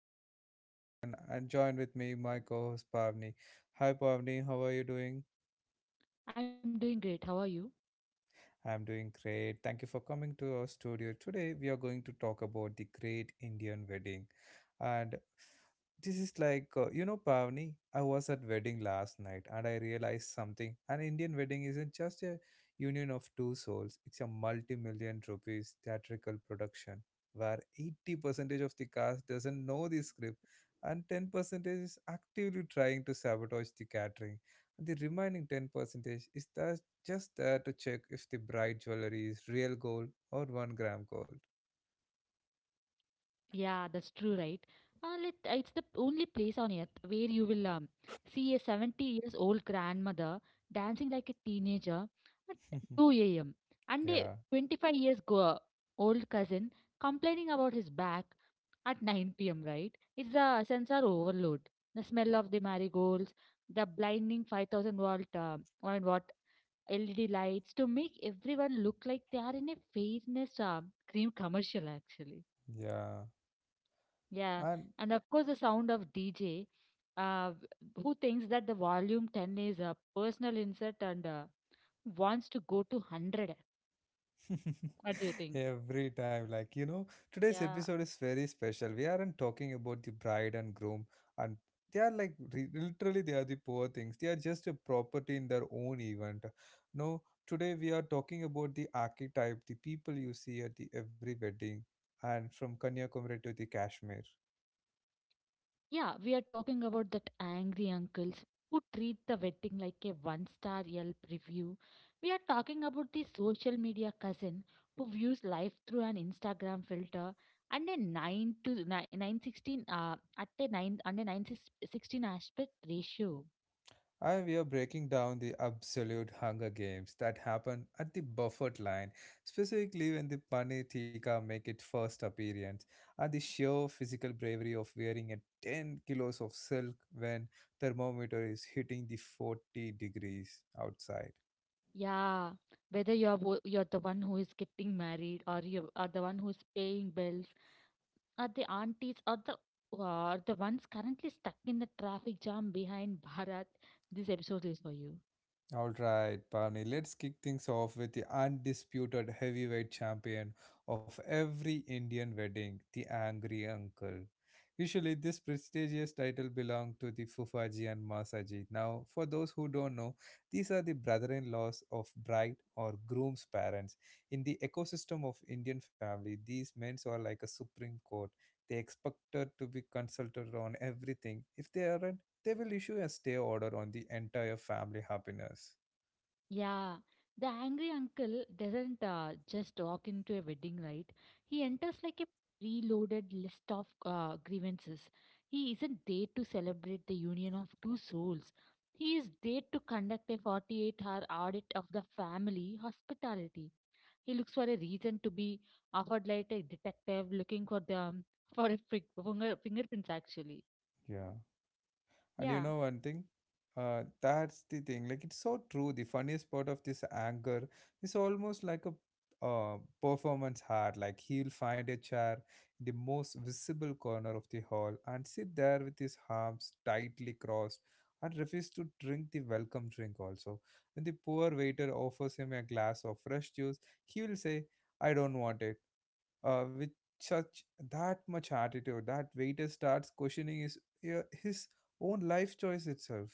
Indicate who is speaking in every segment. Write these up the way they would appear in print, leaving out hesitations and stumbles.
Speaker 1: is your host Agilan and join with me my co-host Pavni. Hi Pavni, how are you doing?
Speaker 2: I'm doing great. How are you?
Speaker 1: I'm doing great. Thank you for coming to our studio. Today, we are going to talk about the great Indian wedding. And this is like, Pavni, I was at wedding last night and I realized something. An Indian wedding isn't just a union of two souls, it's a multi million rupees theatrical production where 80% of the cast doesn't know the script and 10% is actively trying to sabotage the catering and the remaining 10% is that just there to check if the bright jewelry is real gold or 1 gram gold.
Speaker 2: Yeah, that's true, right? It's the only place on earth where you will see a 70 years old grandmother dancing like a teenager at 2 a.m. and a
Speaker 1: Yeah,
Speaker 2: 25 years old cousin complaining about his back at 9 p.m., right? It's the sensor overload. The smell of the marigolds, the blinding 5,000 volt 1 LED lights to make everyone look like they are in a fairness cream commercial, actually.
Speaker 1: yeah.
Speaker 2: Yeah,
Speaker 1: And
Speaker 2: and of course, the sound of DJ, uh, who thinks that the volume 10 is a personal insult and wants to go to 100. What do you think?
Speaker 1: every time, today's
Speaker 2: Yeah.
Speaker 1: episode is very special. We aren't talking about the bride and groom, and they are literally, they are the poor things. They are just a property in their own event. No, today we are talking about the archetype, the people you see at the every wedding, and from Kanyakumari to the Kashmir.
Speaker 2: Yeah, we are talking about that angry uncles who treat the wedding like a one star Yelp review. We are talking about the social media cousin who views life through an Instagram filter and a 9 to 9, 916 at a 9 under 916 aspect ratio.
Speaker 1: I We are breaking down the absolute Hunger Games that happen at the Buffett line, specifically when the Pani Tika make its first appearance, and the sheer physical bravery of wearing a 10 kilos of silk when thermometer is hitting the 40 degrees outside.
Speaker 2: Yeah, whether you're you're the one who is getting married or you are the one who's paying bills. Are the aunties, or the are the ones currently stuck in the traffic jam behind Bharat? This episode is for you.
Speaker 1: All right, Pavni, let's kick things off with the undisputed heavyweight champion of every Indian wedding, the Angry Uncle. Usually, this prestigious title belonged to the Fufaji and Masaji. Now, for those who don't know, these are the brother in laws of bride or groom's parents. In the ecosystem of Indian family, these men are like a supreme court. They expected to be consulted on everything. If they aren't, they will issue a stay order on the entire family happiness.
Speaker 2: Yeah, the angry uncle doesn't just walk into a wedding, right? He enters like a preloaded list of grievances. He isn't there to celebrate the union of two souls. He is there to conduct a 48-hour audit of the family hospitality. He looks for a reason to be offered like a detective looking for them for a fingerprints actually.
Speaker 1: Yeah. And you
Speaker 2: Yeah,
Speaker 1: know one thing? That's the thing. Like it's so true. The funniest part of this anger is almost like a performance art. Like he'll find a chair in the most visible corner of the hall and sit there with his arms tightly crossed and refuse to drink the welcome drink also. When the poor waiter offers him a glass of fresh juice, he will say, "I don't want it," with such that much attitude that waiter starts questioning his own life choice itself.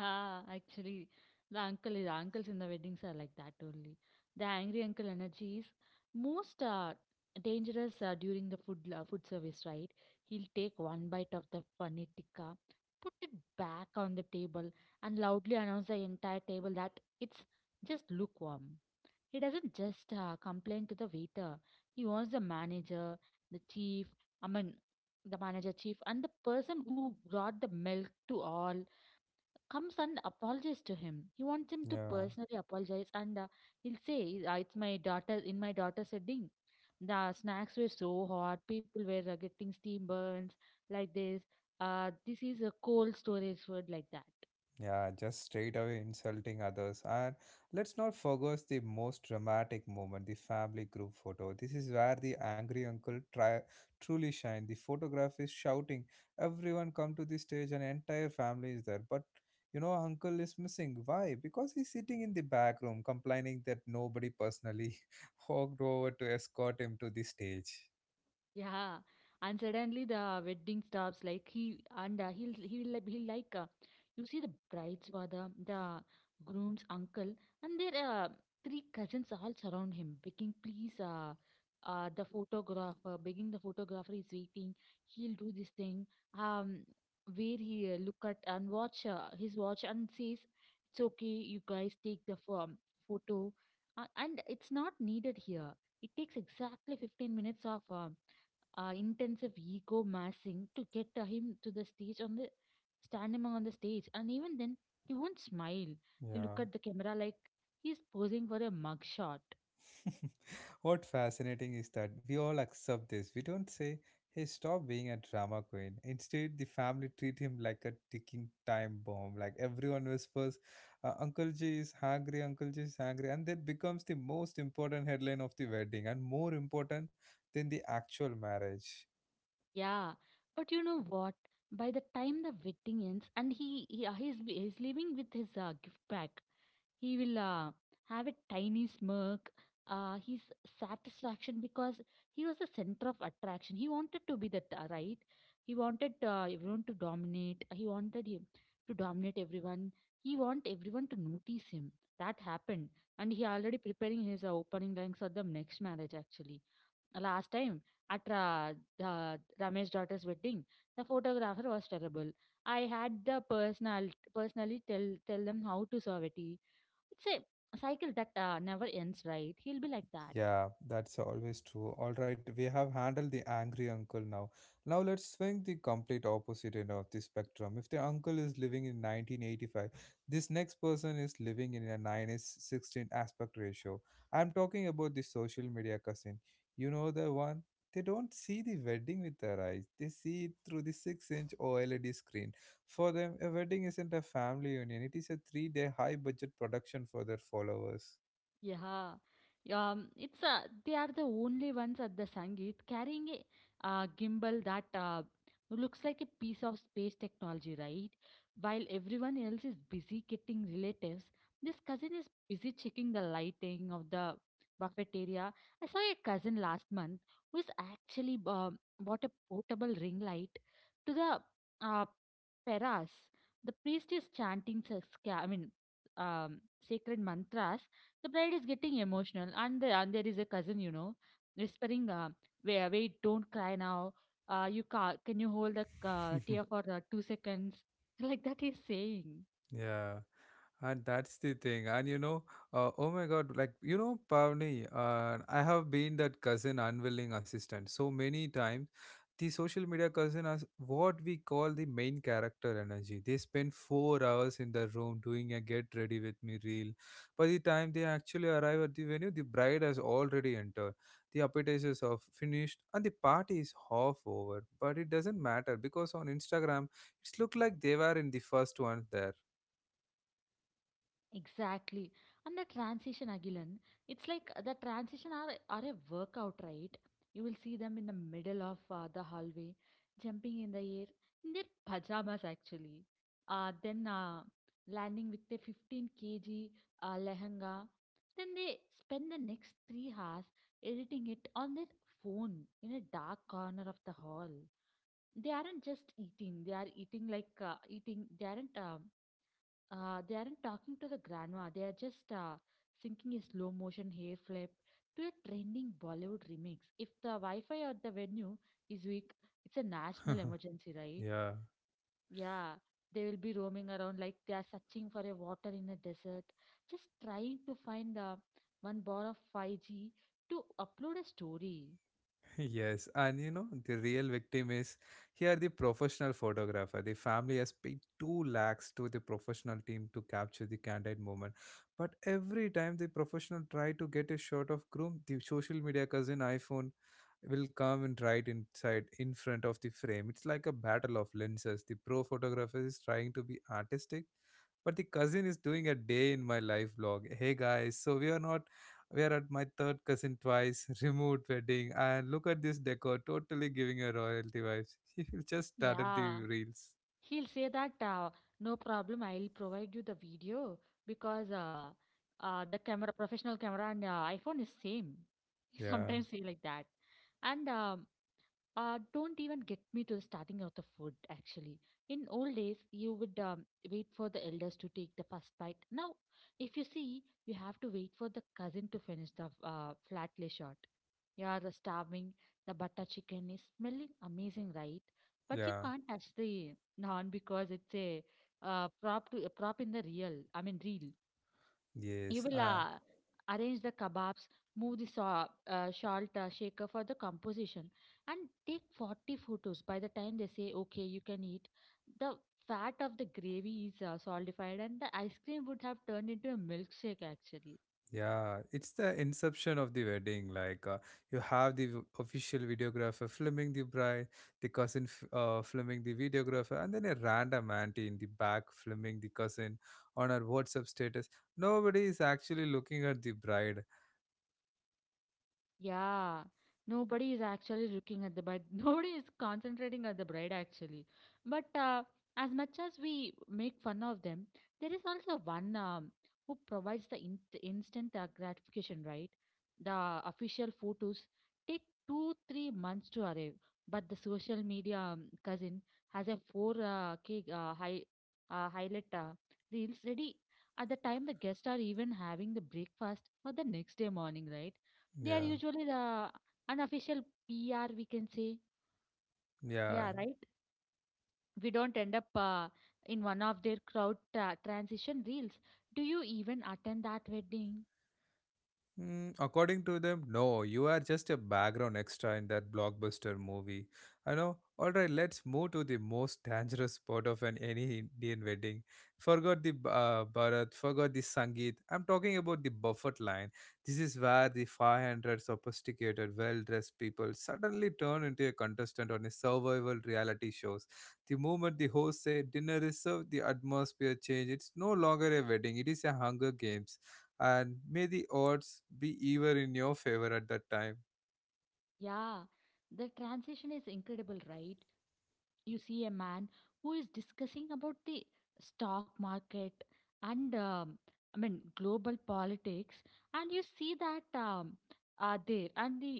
Speaker 2: actually, the uncle is uncles in the weddings are like that only. The angry uncle energy is most dangerous during the food service, right? He'll take one bite of the paneer tikka, put it back on the table, and loudly announce the entire table that it's just lukewarm. He doesn't just complain to the waiter. He wants the manager, the chief, I mean, the manager chief, and the person who brought the milk to all comes and apologizes to him. He wants him to
Speaker 1: Yeah.
Speaker 2: personally apologize, and he'll say, "It's my daughter's wedding. The snacks were so hot. People were getting steam burns like this. This is a cold storage food like that."
Speaker 1: Yeah, just straight away insulting others. And let's not forget the most dramatic moment, the family group photo. This is where the angry uncle truly shine. The photograph is shouting, everyone come to the stage and entire family is there. But you know, uncle is missing. Why? Because he's sitting in the back room complaining that nobody personally walked over to escort him to the stage.
Speaker 2: Yeah, and suddenly the wedding stops. Like he and he'll he'll like- you see the bride's father, the groom's uncle, and their three cousins all surround him, begging, "Please, begging the photographer is waiting. He'll do this thing. Um, where he look at and watch his watch and says, it's okay. You guys take the photo, and it's not needed here. It takes exactly 15 minutes of." Intensive ego massing to get him to the stage on the stand him on the stage, and even then he won't smile. He look
Speaker 1: Yeah.
Speaker 2: at the camera like he's posing for a mugshot.
Speaker 1: What fascinating is that we all accept this. We don't say, hey, stop being a drama queen. Instead, the family treat him like a ticking time bomb. Like everyone whispers, Uncle G is hungry, Uncle G is hungry. And that becomes the most important headline of the wedding and more important than the actual marriage.
Speaker 2: Yeah, but you know what? By the time the wedding ends, and he's leaving with his gift bag, he will have a tiny smirk. His satisfaction because he was the center of attraction. He wanted to be that, right? He wanted everyone to dominate. He wanted him to dominate everyone. He want everyone to notice him. That happened, and he already preparing his opening lines for the next marriage actually. Last time at Ramesh's daughter's wedding, the photographer was terrible. I had the personal personally tell them how to serve it. It's a cycle that never ends, right? He'll be like that.
Speaker 1: Yeah, that's always true. All right, we have handled the angry uncle now. Now let's swing the complete opposite end of the spectrum. If the uncle is living in 1985, this next person is living in a 9 is 16 aspect ratio. I'm talking about the social media cousin. You know the one? They don't see the wedding with their eyes. They see it through the 6-inch OLED screen. For them, a wedding isn't a family union. It is a three-day high-budget production for their followers.
Speaker 2: Yeah. It's They are the only ones at the Sangeet carrying a gimbal that looks like a piece of space technology, right? While everyone else is busy getting relatives, this cousin is busy checking the lighting of the buffet area. I saw a cousin last month who's actually bought a portable ring light to the uh, Peras. The priest is chanting, I mean, um, sacred mantras, the bride is getting emotional, and there is a cousin, whispering, wait, don't cry now. Can you hold the tear for 2 seconds? Like that he's saying.
Speaker 1: Yeah, and that's the thing. And oh my God, like you know, Pavni, I have been that cousin unwilling assistant so many times. The social media cousin is what we call the main character energy. They spend 4 hours in the room doing a get ready with me reel. By the time they actually arrive at the venue, the bride has already entered, the appetizers are finished, and the party is half over. But it doesn't matter because on Instagram, it's looked like they were in the first one there.
Speaker 2: Exactly. And the transition, Agilan, it's like the transition are a workout, right? You will see them in the middle of the hallway, jumping in the air, in their pajamas, actually. Then landing with a 15 kg lehenga. Then they spend the next 3 hours editing it on their phone in a dark corner of the hall. They aren't just eating, they are eating like eating. They aren't talking to the grandma. They are just syncing a slow motion hair flip to a trending Bollywood remix. If the Wi-Fi at the venue is weak, it's a national emergency, right?
Speaker 1: Yeah.
Speaker 2: Yeah, they will be roaming around like they are searching for a water in a desert, just trying to find one bar of 5G to upload a story.
Speaker 1: Yes, and you know the real victim is here, the professional photographer. The family has paid 2 lakhs to the professional team to capture the candid moment, but every time the professional try to get a shot of groom, the social media cousin iphone will come and right inside in front of the frame. It's like a battle of lenses. The pro photographer is trying to be artistic, but the cousin is doing a day in my life vlog. Hey guys, so we are not we are at my third cousin twice remote wedding, and look at this decor, totally giving a royalty vibes. You just started the
Speaker 2: Yeah.
Speaker 1: reels.
Speaker 2: He'll say that no problem, I'll provide you the video, because professional camera and iPhone is same.
Speaker 1: Yeah.
Speaker 2: Sometimes say like that. And don't even get me to the starting of the food, actually. In old days, you would wait for the elders to take the first bite. Now, if you see, you have to wait for the cousin to finish the flatly shot. You are starving, the butter chicken is smelling amazing, right? But you
Speaker 1: Yeah.
Speaker 2: can't touch the naan because it's a prop to a prop in the real, I mean, real. You
Speaker 1: Yes.
Speaker 2: will arrange the kebabs, move the salt shaker for the composition, and take 40 photos. By the time they say, okay, you can eat, the fat of the gravy is solidified, and the ice cream would have turned into a milkshake actually.
Speaker 1: Yeah, it's the inception of the wedding. Like you have the official videographer filming the bride, the cousin filming the videographer, and then a random auntie in the back filming the cousin on her WhatsApp status. Nobody is actually looking at the bride.
Speaker 2: Yeah, nobody is actually looking at the bride. Nobody is concentrating at the bride actually. But as much as we make fun of them, there is also one who provides the instant gratification, right? The official photos take two, 3 months to arrive, but the social media cousin has a four K highlight reels ready at the time the guests are even having the breakfast for the next day morning, right? They are
Speaker 1: Yeah,
Speaker 2: usually the unofficial PR, we can say.
Speaker 1: yeah.
Speaker 2: Yeah, right? We don't end up in one of their crowd transition reels. Do you even attend that wedding?
Speaker 1: Mm, according to them, no, you are just a background extra in that blockbuster movie. I know. All right, let's move to the most dangerous part of an any Indian wedding. Forgot the Bharat, forgot the Sangeet. I'm talking about the buffet line. This is where the 500 sophisticated, well-dressed people suddenly turn into a contestant on a survival reality shows. The moment the host say dinner is served, the atmosphere change. It's no longer a wedding. It is a Hunger Games, and may the odds be even in your favor at that time.
Speaker 2: Yeah, the transition is incredible, right? You see a man who is discussing about the stock market, and I mean, global politics, and you see that there, and the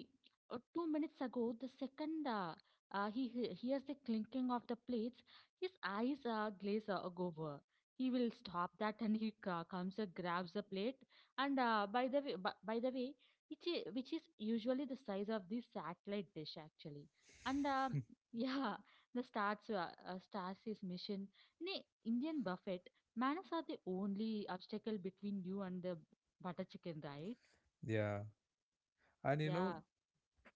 Speaker 2: 2 minutes ago the second hears the clinking of the plates. His eyes glaze over, he will stop that, and he comes and grabs the plate. And by the way, which is, usually the size of the satellite dish actually. And yeah, stars is mission. Nee, Indian buffet, manners are the only obstacle between you and the butter chicken, right?
Speaker 1: Yeah, and you know,
Speaker 2: Yeah,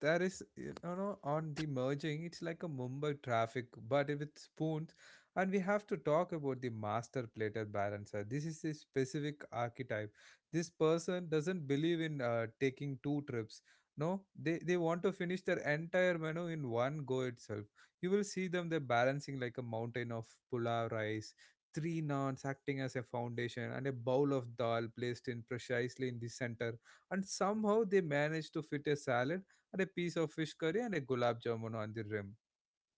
Speaker 1: there is, you know, on the merging it's like a Mumbai traffic but with spoons. And we have to talk about the master platter balancer. This is a specific archetype. This person doesn't believe in taking two trips. No, they want to finish their entire menu in one go itself. You will see them, they're balancing like a mountain of pulao rice, three naans acting as a foundation and a bowl of dal placed in precisely in the center, and somehow they managed to fit a salad and a piece of fish curry and a gulab jamun on the rim.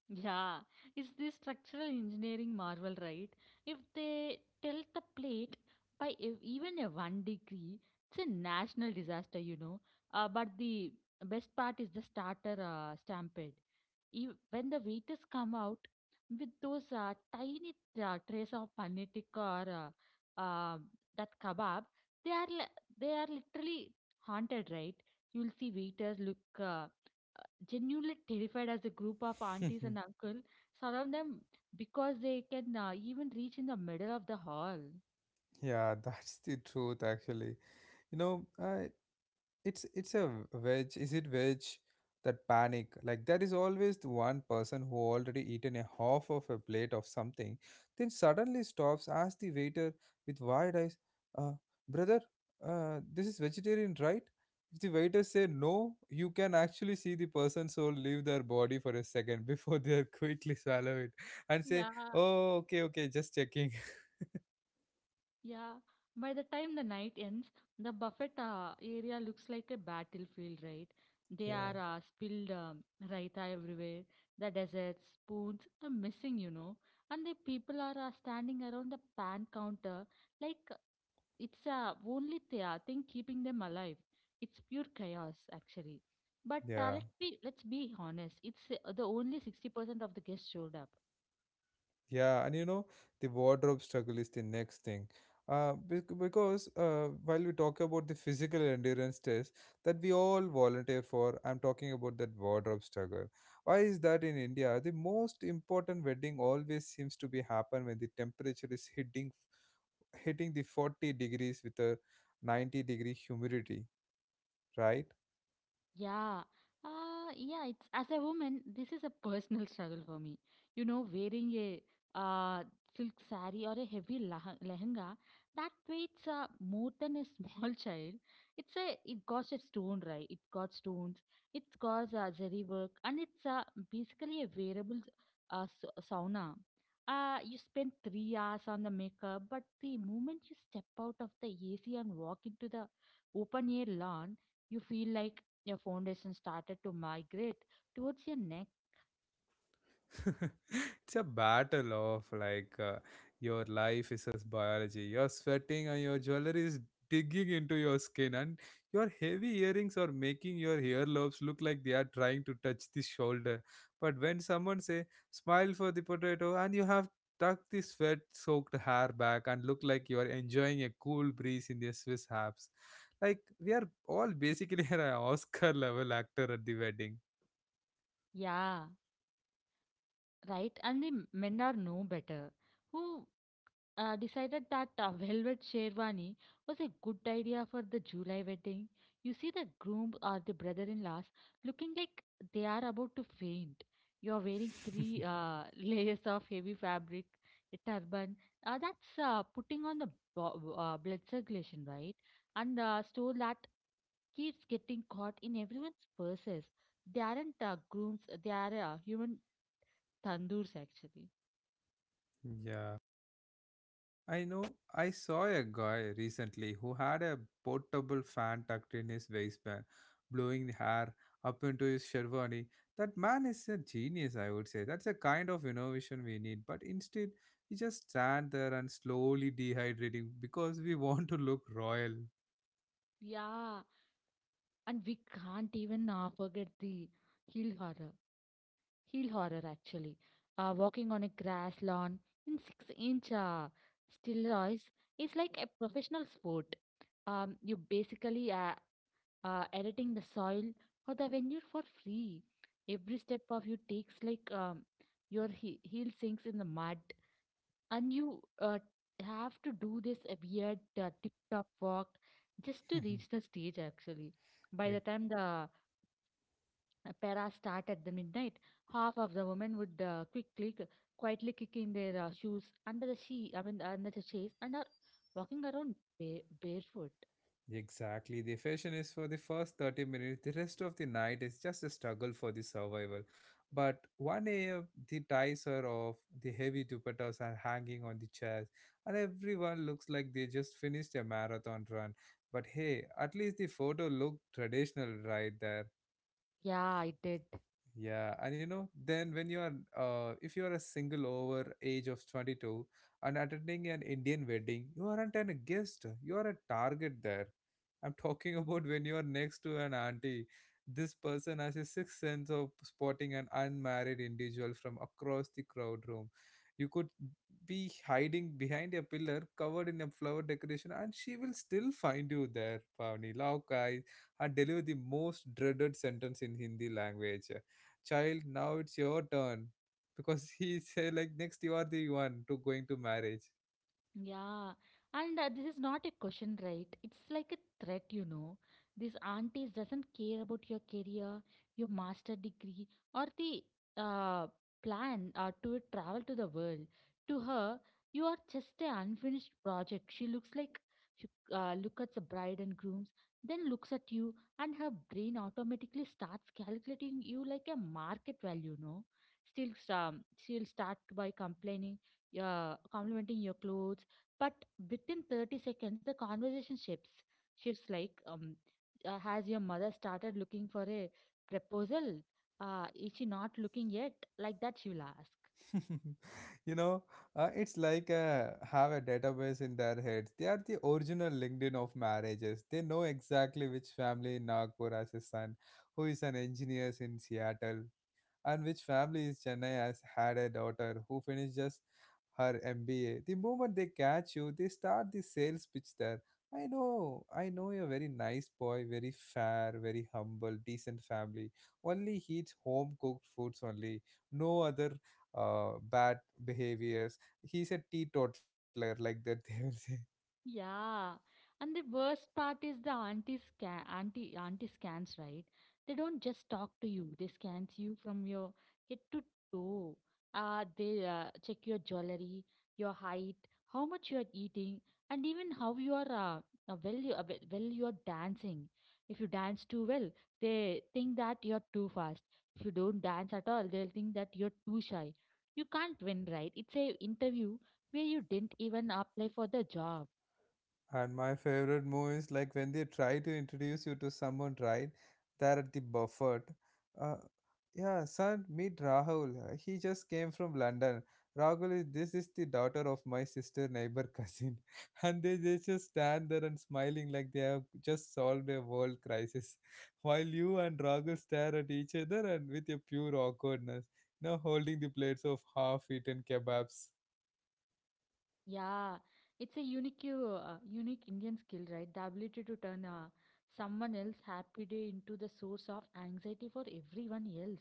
Speaker 2: yeah. It's this structural engineering marvel, right? If they tilt the plate by even a 1 degree, it's a national disaster. But the best part is the starter stampede. Ev When the waiters come out with those tiny trays of paneer tikka or that kebab, they are li- they are literally haunted, right? You'll see waiters look genuinely terrified as a group of aunties and uncle surround them because they can even reach in the middle of the hall.
Speaker 1: Yeah, that's the truth actually. You know, it's a veg, is it veg, that panic. Like there is always the one person who already eaten a half of a plate of something, then suddenly stops, asks the waiter with wide eyes, uh, brother, this is vegetarian, right? If the waiter say no, you can actually see the person soul leave their body for a second before they are quickly swallow it and say,
Speaker 2: Yeah.
Speaker 1: oh okay okay, just checking.
Speaker 2: Yeah, by the time the night ends, the buffet area looks like a battlefield, right? They
Speaker 1: Yeah.
Speaker 2: are spilled raita everywhere. The desserts, spoons are missing. And the people are standing around the pan counter like it's only the thing keeping them alive. It's pure chaos, actually. But
Speaker 1: Yeah.
Speaker 2: let's be honest. It's the only 60% of the guests showed up.
Speaker 1: Yeah, and you know, the wardrobe struggle is the next thing. Because while we talk about the physical endurance test that we all volunteer for, I'm talking about that wardrobe struggle. Why is that in India? The most important wedding always seems to be happen when the temperature is hitting the 40 degrees with a 90-degree humidity, right?
Speaker 2: Yeah. Yeah, it's as a woman, this is a personal struggle for me. You know, wearing a uh, silk sari or a heavy lehenga that weighs more than a small child. It got a stone, right? It got stones. It's got zari work, and it's basically a wearable sauna. You spend 3 hours on the makeup, but the moment you step out of the AC and walk into the open air lawn, you feel like your foundation started to migrate towards your neck.
Speaker 1: It's a battle of like your life is as biology. You're sweating and your jewelry is digging into your skin, and your heavy earrings are making your earlobes look like they are trying to touch the shoulder. But when someone say smile for the potato, and you have tucked the sweat-soaked hair back and look like you are enjoying a cool breeze in the Swiss Alps. Like we are all basically an Oscar-level actor at the wedding.
Speaker 2: Yeah, right. And the men are no better who decided that a velvet sherwani was a good idea for the July wedding. You see the groom or the brother-in-laws looking like they are about to faint. You are wearing three layers of heavy fabric, a turban. That's putting on the blood circulation, right? And store that keeps getting caught in everyone's purses. They aren't grooms, they are human tandoors actually.
Speaker 1: Yeah. I know, I saw a guy recently who had a portable fan tucked in his waistband, blowing hair up into his sherwani. That man is a genius, I would say. That's a kind of innovation we need. But instead, we just stand there and slowly dehydrating because we want to look royal.
Speaker 2: Yeah, and we can't even forget the heel horror. Heel horror actually. Walking on a grass lawn in 6 inch steroids is like a professional sport. You basically editing the soil for the venue for free. Every step of you takes like your heel sinks in the mud and you have to do this weird TikTok walk just to reach the stage. Actually, by the time the para start at the midnight, half of the women would quickly, quietly kick in their shoes under the I mean under the chairs, and are walking around barefoot.
Speaker 1: Exactly. The fashion is for the first 30 minutes. The rest of the night is just a struggle for the survival. But 1 a.m., the ties are off, the heavy dupattas are hanging on the chairs, and everyone looks like they just finished a marathon run. But hey, at least the photo looked traditional right there.
Speaker 2: Yeah, I did.
Speaker 1: Yeah, and you know, then when you are, if you are a single over age of 22 and attending an Indian wedding, you aren't a guest, you are a target there. I'm talking about when you are next to an auntie. This person has a sixth sense of spotting an unmarried individual from across the crowd room. You could be hiding behind a pillar covered in a flower decoration, and she will still find you there, Pavni. Lao Kai had delivered the most dreaded sentence in Hindi language, child, now it's your turn, because he said like next you are the one to going to marriage.
Speaker 2: Yeah, and this is not a question, right? It's like a threat. These aunties doesn't care about your career, your master degree, or the uh, plan to travel to the world. To her, you are just an unfinished project. She looks like she look at the bride and grooms, then looks at you, and her brain automatically starts calculating you like a market value, no? Still, she'll start by complimenting your clothes, but within 30 seconds, the conversation shifts. Like, has your mother started looking for a proposal? Is she not looking yet? Like that, she will ask.
Speaker 1: You know, it's like, have a database in their heads. They are the original linkedin of marriages. They know exactly which family in nagpur has a son who is an engineer in seattle, and which family is Chennai has had a daughter who finished just her MBA. The moment they catch you, they start the sales pitch there. I know you're a very nice boy, very fair, very humble, decent family. Only he eats home cooked foods only. No other bad behaviors. He's a teetotaler, like that they will say.
Speaker 2: Yeah, and the worst part is the anti scans, right? They don't just talk to you; they scans you from your head to toe. They check your jewelry, your height, how much you are eating, and even how you are well you well you are dancing. If you dance too well, they think that you're too fast. If you don't dance at all, they'll think that you're too shy. You can't win, right? It's a interview where you didn't even apply for the job.
Speaker 1: And my favorite move is like when they try to introduce you to someone, right? There at the buffet. Uh, yeah, son, meet Rahul. He just came from London. Rahul is this is the daughter of my sister neighbor cousin, and they just stand there and smiling like they have just solved a world crisis, while you and Rahul stare at each other and with a pure awkwardness, now holding the plates of half-eaten kebabs.
Speaker 2: Yeah, it's a unique Indian skill, right? The ability to turn someone else's happy day into the source of anxiety for everyone else.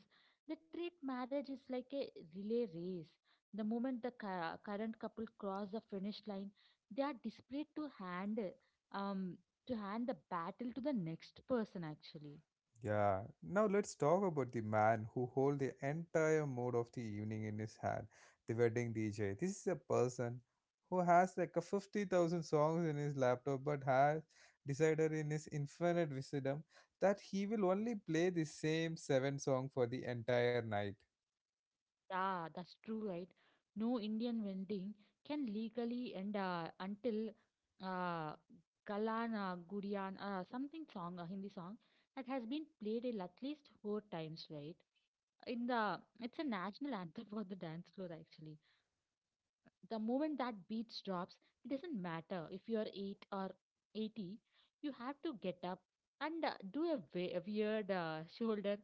Speaker 2: They treat marriage is like a relay race. The moment the current couple cross the finish line, they are desperate to um, hand the battle to the next person. Actually,
Speaker 1: Yeah. Now let's talk about the man who hold the entire mood of the evening in his hand, the wedding DJ. This is a person who has like a 50,000 songs in his laptop but has decided in his infinite wisdom that he will only play the same seven song for the entire night.
Speaker 2: yeah, that's true, right? No Indian vending can legally end until uh, Galana Gudian, something song, a Hindi song that has been played in at least 4 times, right? In the It's a national anthem for the dance floor actually. The moment that beat drops, it doesn't matter if you're 8 or 80, you have to get up and do a weird shoulder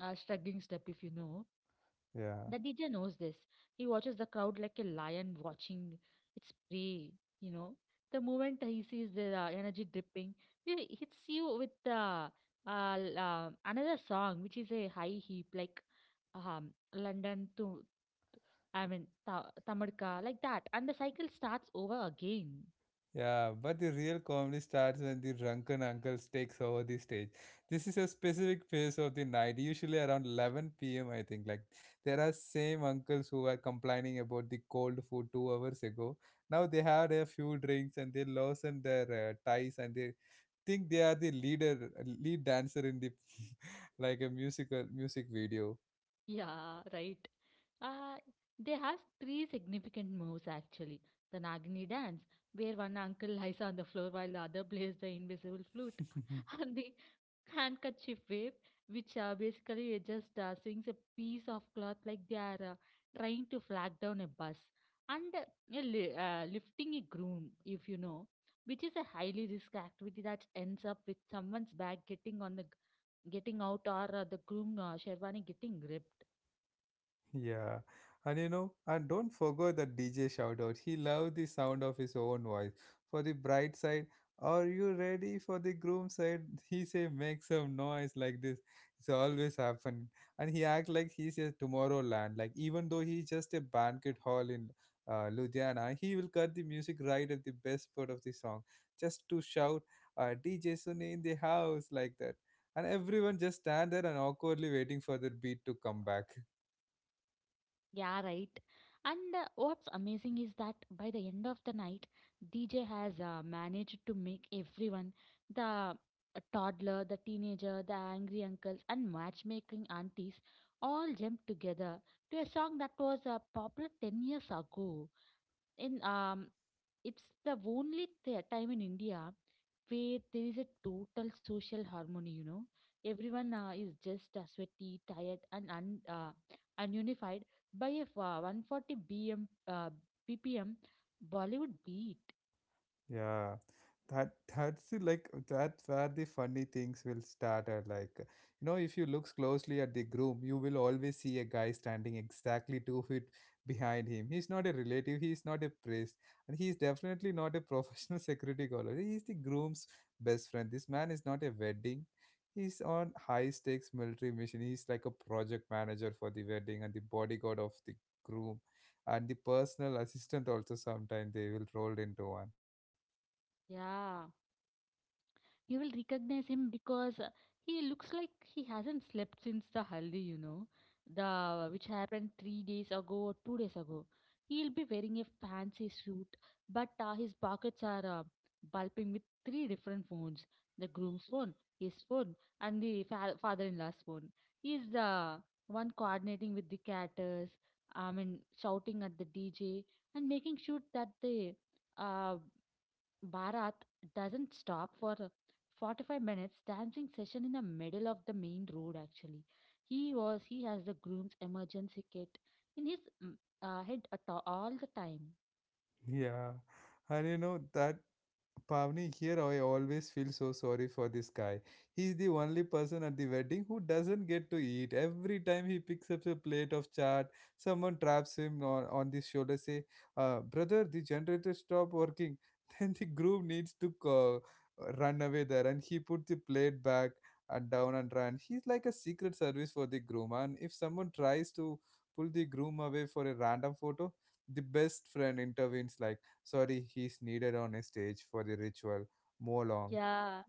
Speaker 2: shrugging step if you know.
Speaker 1: Yeah.
Speaker 2: The DJ knows this. He watches the crowd like a lion watching its prey, you know. The moment he sees the energy dripping, he hits you with another song, which is a high heap, like um, London to, I mean, Tamarka, like that. And the cycle starts over again.
Speaker 1: Yeah, but the real comedy starts when the drunken uncles takes over the stage. This is a specific phase of the night, usually around 11 p.m. I think. Like there are same uncles who are complaining about the cold food 2 hours ago. Now they had a few drinks and they loosen their ties, and they think they are the leader, lead dancer in the like a musical music video.
Speaker 2: Yeah, right. Uh, they have three significant moves actually. The Nagini dance, where one uncle lies on the floor while the other plays the invisible flute, and the handkerchief wave, which basically it just swings a piece of cloth like they are trying to flag down a bus, and lifting a groom, if you know, which is a highly risk activity that ends up with someone's bag getting on the g- getting out or the groom sherwani getting ripped.
Speaker 1: Yeah, and you know, and don't forget the DJ shout out. He loved the sound of his own voice. For the bright side, are you ready for the groom side? He say, make some noise like this. It's always happen, and he act like he's a Tomorrowland. Like even though he's just a banquet hall in Ludhiana, he will cut the music right at the best part of the song just to shout, DJ Sunny in the house like that, and everyone just stand there and awkwardly waiting for the beat to come back.
Speaker 2: Yeah, right. And what's amazing is that by the end of the night, DJ has managed to make everyone the toddler, the teenager, the angry uncles, and matchmaking aunties all jump together to a song that was popular 10 years ago. In It's the only time in India where there is a total social harmony. Everyone is just sweaty, tired, and ununified by a 140 bm bpm bollywood beat.
Speaker 1: Yeah, that that's the, like that's where the funny things will start. Are like, you know, if you looks closely at the groom, you will always see a guy standing exactly 2 feet behind him. He's not a relative. He's not a priest, and he's definitely not a professional security guard. He's the groom's best friend. This man is not a wedding. He's on high stakes military mission. He's like a project manager for the wedding and the bodyguard of the groom, and the personal assistant also. Sometimes they will roll into one.
Speaker 2: Yeah. You will recognize him because he looks like he hasn't slept since the haldi, you know, the which happened 3 days ago or 2 days ago. He'll be wearing a fancy suit, but his pockets are bulging with three different phones: the groom's phone, his phone, and the father-in-law's phone. He is the one coordinating with the caterers. I mean, shouting at the DJ and making sure that the uh, Bharat doesn't stop for a 45 minutes dancing session in the middle of the main road actually. He has the groom's emergency kit in his head at all the time.
Speaker 1: Yeah, and you know that Pavni here, I always feel so sorry for this guy. He's the only person at the wedding who doesn't get to eat. Every time he picks up a plate of chaat, someone traps him on the shoulder, say, "Brother, the generator stopped working." Then the groom needs to run away there, and he put the plate back and down and ran. He's like a secret service for the groom, and if someone tries to pull the groom away for a random photo, the best friend intervenes like, sorry, he's needed on a stage for the ritual. Mow along.
Speaker 2: Yeah,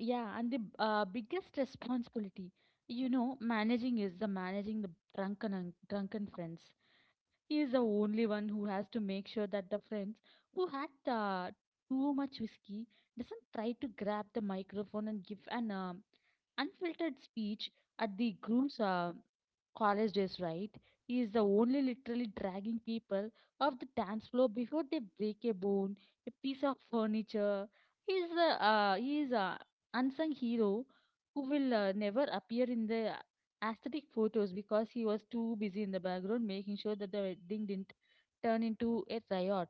Speaker 2: yeah, and the biggest responsibility, you know, managing the drunken friends. He is the only one who has to make sure that the friends who had too much whiskey doesn't try to grab the microphone and give an unfiltered speech at the groom's college days, right? He is the only literally dragging people off the dance floor before they break a bone, a piece of furniture. He is a unsung hero who will never appear in the aesthetic photos because he was too busy in the background making sure that the wedding didn't turn into a riot.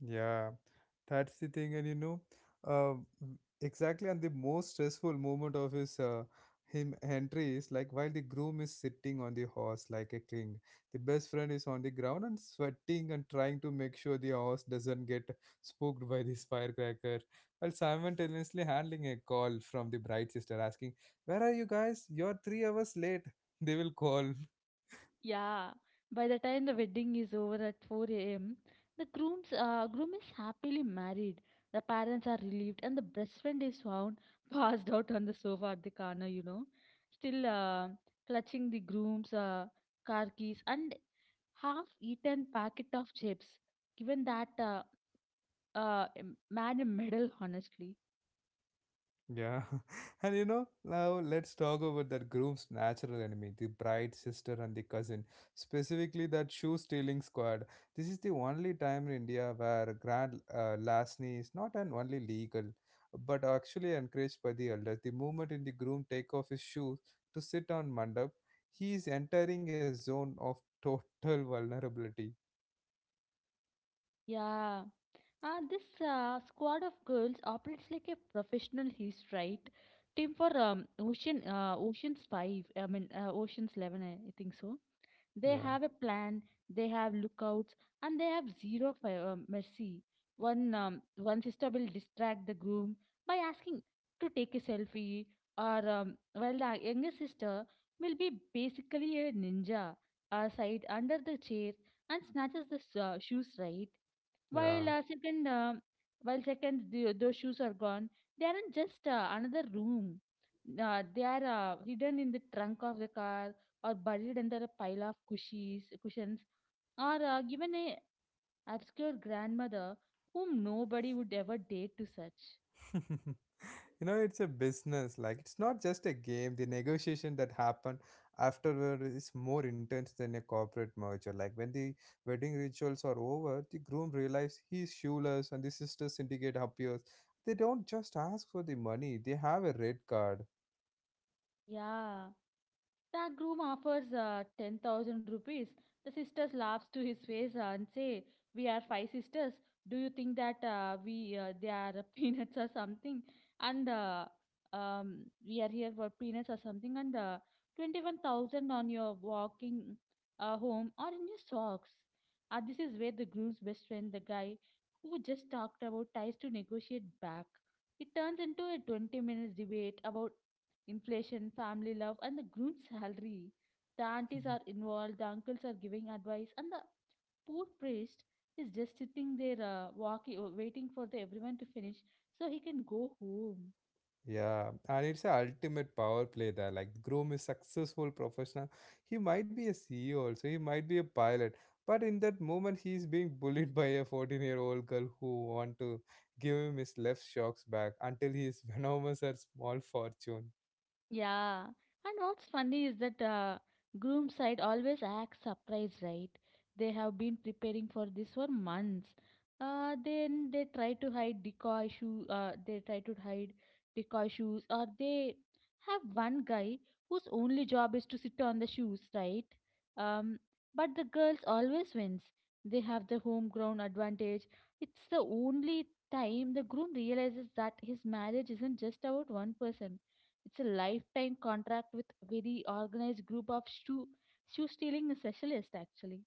Speaker 1: Yeah, that's the thing, and you know, uh, exactly. And the most stressful moment of his him entry is like while the groom is sitting on the horse like a king, the best friend is on the ground and sweating and trying to make sure the horse doesn't get spooked by this firecracker, while simultaneously handling a call from the bride sister asking, "Where are you guys? You're 3 hours late." They will call.
Speaker 2: Yeah, by the time the wedding is over at 4 a.m., the groom is happily married. The parents are relieved, and the best friend is found passed out on the sofa at the corner. You know, still clutching the groom's car keys and half-eaten packet of chips. Given that uh, man a medal, honestly.
Speaker 1: Yeah. And you know, now let's talk about that groom's natural enemy, the bride's sister and the cousin, specifically that shoe stealing squad. This is the only time in India where grand larceny is not an only legal, but actually encouraged by the elders. The moment in the groom take off his shoes to sit on mandap, he is entering a zone of total vulnerability.
Speaker 2: Yeah. This squad of girls operates like a professional heist, right? Team for Ocean's Five, I mean Ocean's Eleven, I think so. They
Speaker 1: Yeah.
Speaker 2: have a plan, they have lookouts, and they have zero mercy. One sister will distract the groom by asking to take a selfie, or well, the younger sister will be basically a ninja, side under the chair and snatches the shoes, right? While
Speaker 1: Yeah.
Speaker 2: uh, second, uh, while second, those shoes are gone. They aren't just another room. They are hidden in the trunk of the car, or buried under a pile of cushions, or given a obscure grandmother whom nobody would ever dare to search.
Speaker 1: You know, it's a business. Like, it's not just a game. The negotiation that happened afterward is more intense than a corporate merger. Like, when the wedding rituals are over, the groom realizes he's shoeless and the sister syndicate appears. They don't just ask for the money, they have a red card.
Speaker 2: Yeah. That groom offers 10,000 rupees. The sisters laughs to his face and say, "We are five sisters. Do you think that we they are peanuts or something?" And um, we are here for peanuts or something. And 21,000 on your walking home or in your socks. This is where the groom's best friend, the guy who just talked about, tries to negotiate back. It turns into a 20 minutes debate about inflation, family love, and the groom's salary. The aunties are involved, the uncles are giving advice, and the poor priest is just sitting there, waiting for the everyone to finish so he can go home.
Speaker 1: Yeah, and it's a ultimate power play there. Like Groom is successful professional. He might be a CEO also. He might be a pilot. But in that moment, he's being bullied by a 14-year-old girl who want to give him his left shocks back until he is venomous at small fortune.
Speaker 2: Yeah, and what's funny is that groom side always acts surprised, right? They have been preparing for this for months. Then they try to hide decoy shoe. They try to hide decoy shoes, or they have one guy whose only job is to sit on the shoes, right? Um, but the girls always wins. They have the home ground advantage. It's the only time the groom realizes that his marriage isn't just about one person. It's a lifetime contract with very organized group of shoe stealing specialists actually.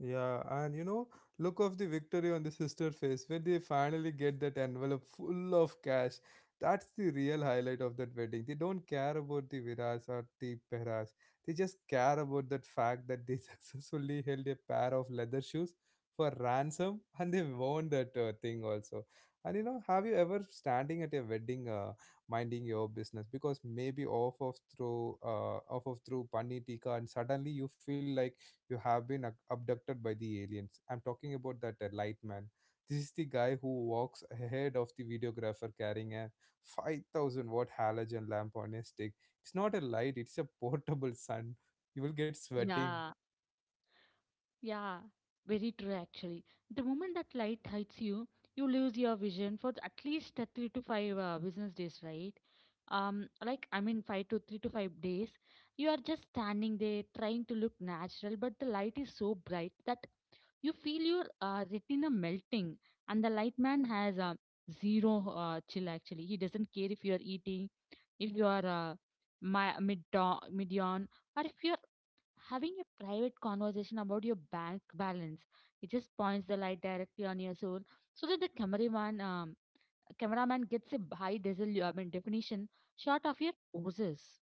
Speaker 1: Yeah, and you know, look of the victory on the sister face when they finally get that envelope full of cash. That's the real highlight of that wedding. They don't care about the Viras or the Peras. They just care about that fact that they successfully held a pair of leather shoes for ransom and they won that thing also. And you know, have you ever standing at a wedding minding your business because maybe off of through Pani Tika and suddenly you feel like you have been abducted by the aliens. I'm talking about that light man. This is the guy who walks ahead of the videographer carrying a 5000-watt halogen lamp on a stick. It's not a light, it's a portable sun. You will get sweating.
Speaker 2: Yeah, yeah. Very true, actually. The moment that light hits you, you lose your vision for at least 3 to 5 business days, right? Like, I mean, five to three to five days. You are just standing there trying to look natural, but the light is so bright that you feel your retina melting, and the light man has zero chill actually. He doesn't care if you are eating, if you are my, mid mid-yawn, or if you're having a private conversation about your bank balance. He just points the light directly on your soul so that the cameraman gets a high definition shot of your poses.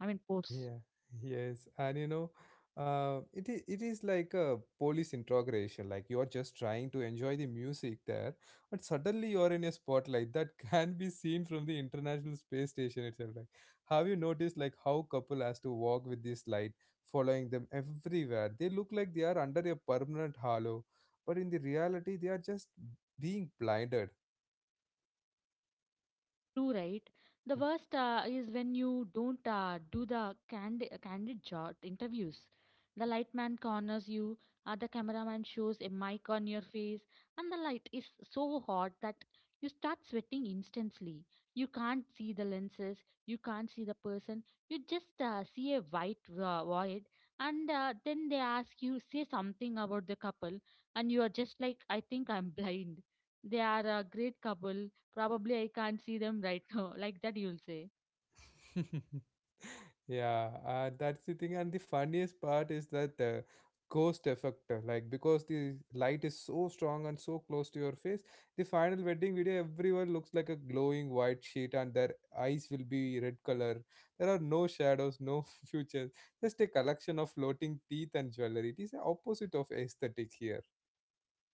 Speaker 2: I mean, pose.
Speaker 1: Yeah, yes, and you know, it is like a police interrogation. Like you're just trying to enjoy the music there, but suddenly you're in a spotlight that can be seen from the International Space Station itself. Like, have you noticed like how couple has to walk with this light following them everywhere? They look like they are under a permanent halo, but in the reality, they are just being blinded.
Speaker 2: True, right? The worst is when you don't do the candid job interviews. The lightman corners you, the cameraman shows a mic on your face, and the light is so hot that you start sweating instantly. You can't see the lenses, you can't see the person, you just see a white void, and then they ask you, say something about the couple, and you are just like, "I think I'm blind. They are a great couple. Probably I can't see them right now," like that you'll say.
Speaker 1: Yeah, that's the thing, and the funniest part is that the ghost effect, like because the light is so strong and so close to your face, the final wedding video everyone looks like a glowing white sheet and their eyes will be red color. There are no shadows, no features, just a collection of floating teeth and jewelry. It is the opposite of aesthetic here.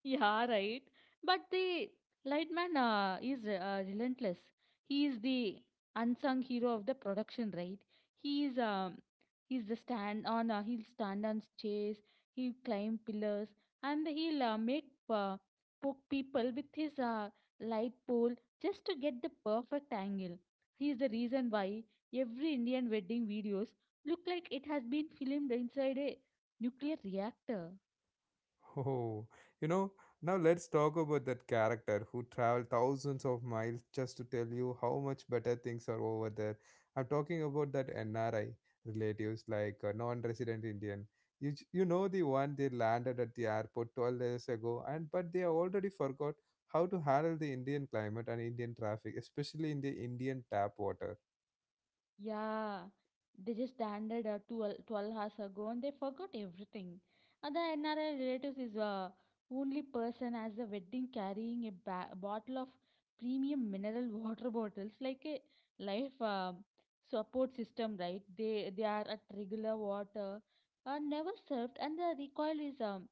Speaker 2: Yeah, right. But the Lightman is relentless. He is the unsung hero of the production, right? He is he's the stand on. He'll stand on chairs. He'll climb pillars, and he'll make poke people with his light pole just to get the perfect angle. He is the reason why every Indian wedding videos look like it has been filmed inside a nuclear reactor.
Speaker 1: Oh, you know, now let's talk about that character who traveled thousands of miles just to tell you how much better things are over there. I'm talking about that NRI relatives, like a non-resident Indian. You you know the one, they landed at the airport 12 days ago, and but they already forgot how to handle the Indian climate and Indian traffic, especially in the Indian tap water.
Speaker 2: Yeah, they just landed 12, twelve hours ago and they forgot everything. And the NRI relatives is only person as the wedding carrying a ba bottle of premium mineral water bottles like a life support system, right? They are at regular water, are never served, and the recoil is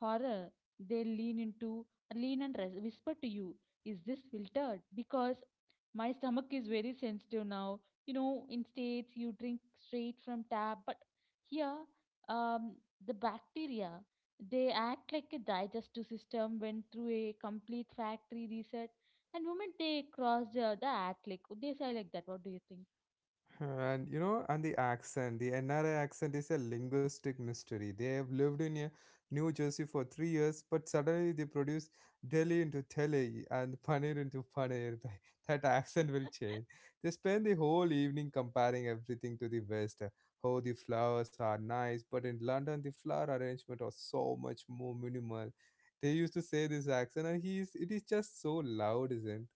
Speaker 2: horror. They lean into lean and res whisper to you, "Is this filtered? Because my stomach is very sensitive now. You know, in states you drink straight from tap, but here um, the bacteria they act like a digestive system went through a complete factory reset." And moment they crossed the Atlantic, they say like that. What do you think?
Speaker 1: And you know, and the accent, the NRA accent is a linguistic mystery. They have lived in New Jersey for 3 years, but suddenly they produce Delhi into Delhi and Paneer into Paneer. That accent will change. They spend the whole evening comparing everything to the West. Oh, the flowers are nice, but in London, the flower arrangement was so much more minimal. They used to say this accent, and he is. It is just so loud, isn't?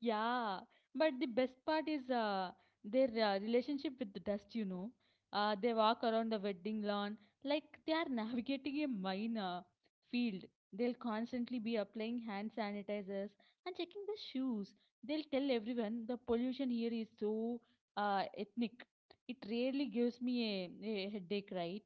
Speaker 2: Yeah, but the best part is their relationship with the dust, you know. They walk around the wedding lawn like they are navigating a mine field. They'll constantly be applying hand sanitizers and checking the shoes. They'll tell everyone the pollution here is so ethnic. It really gives me a headache, right?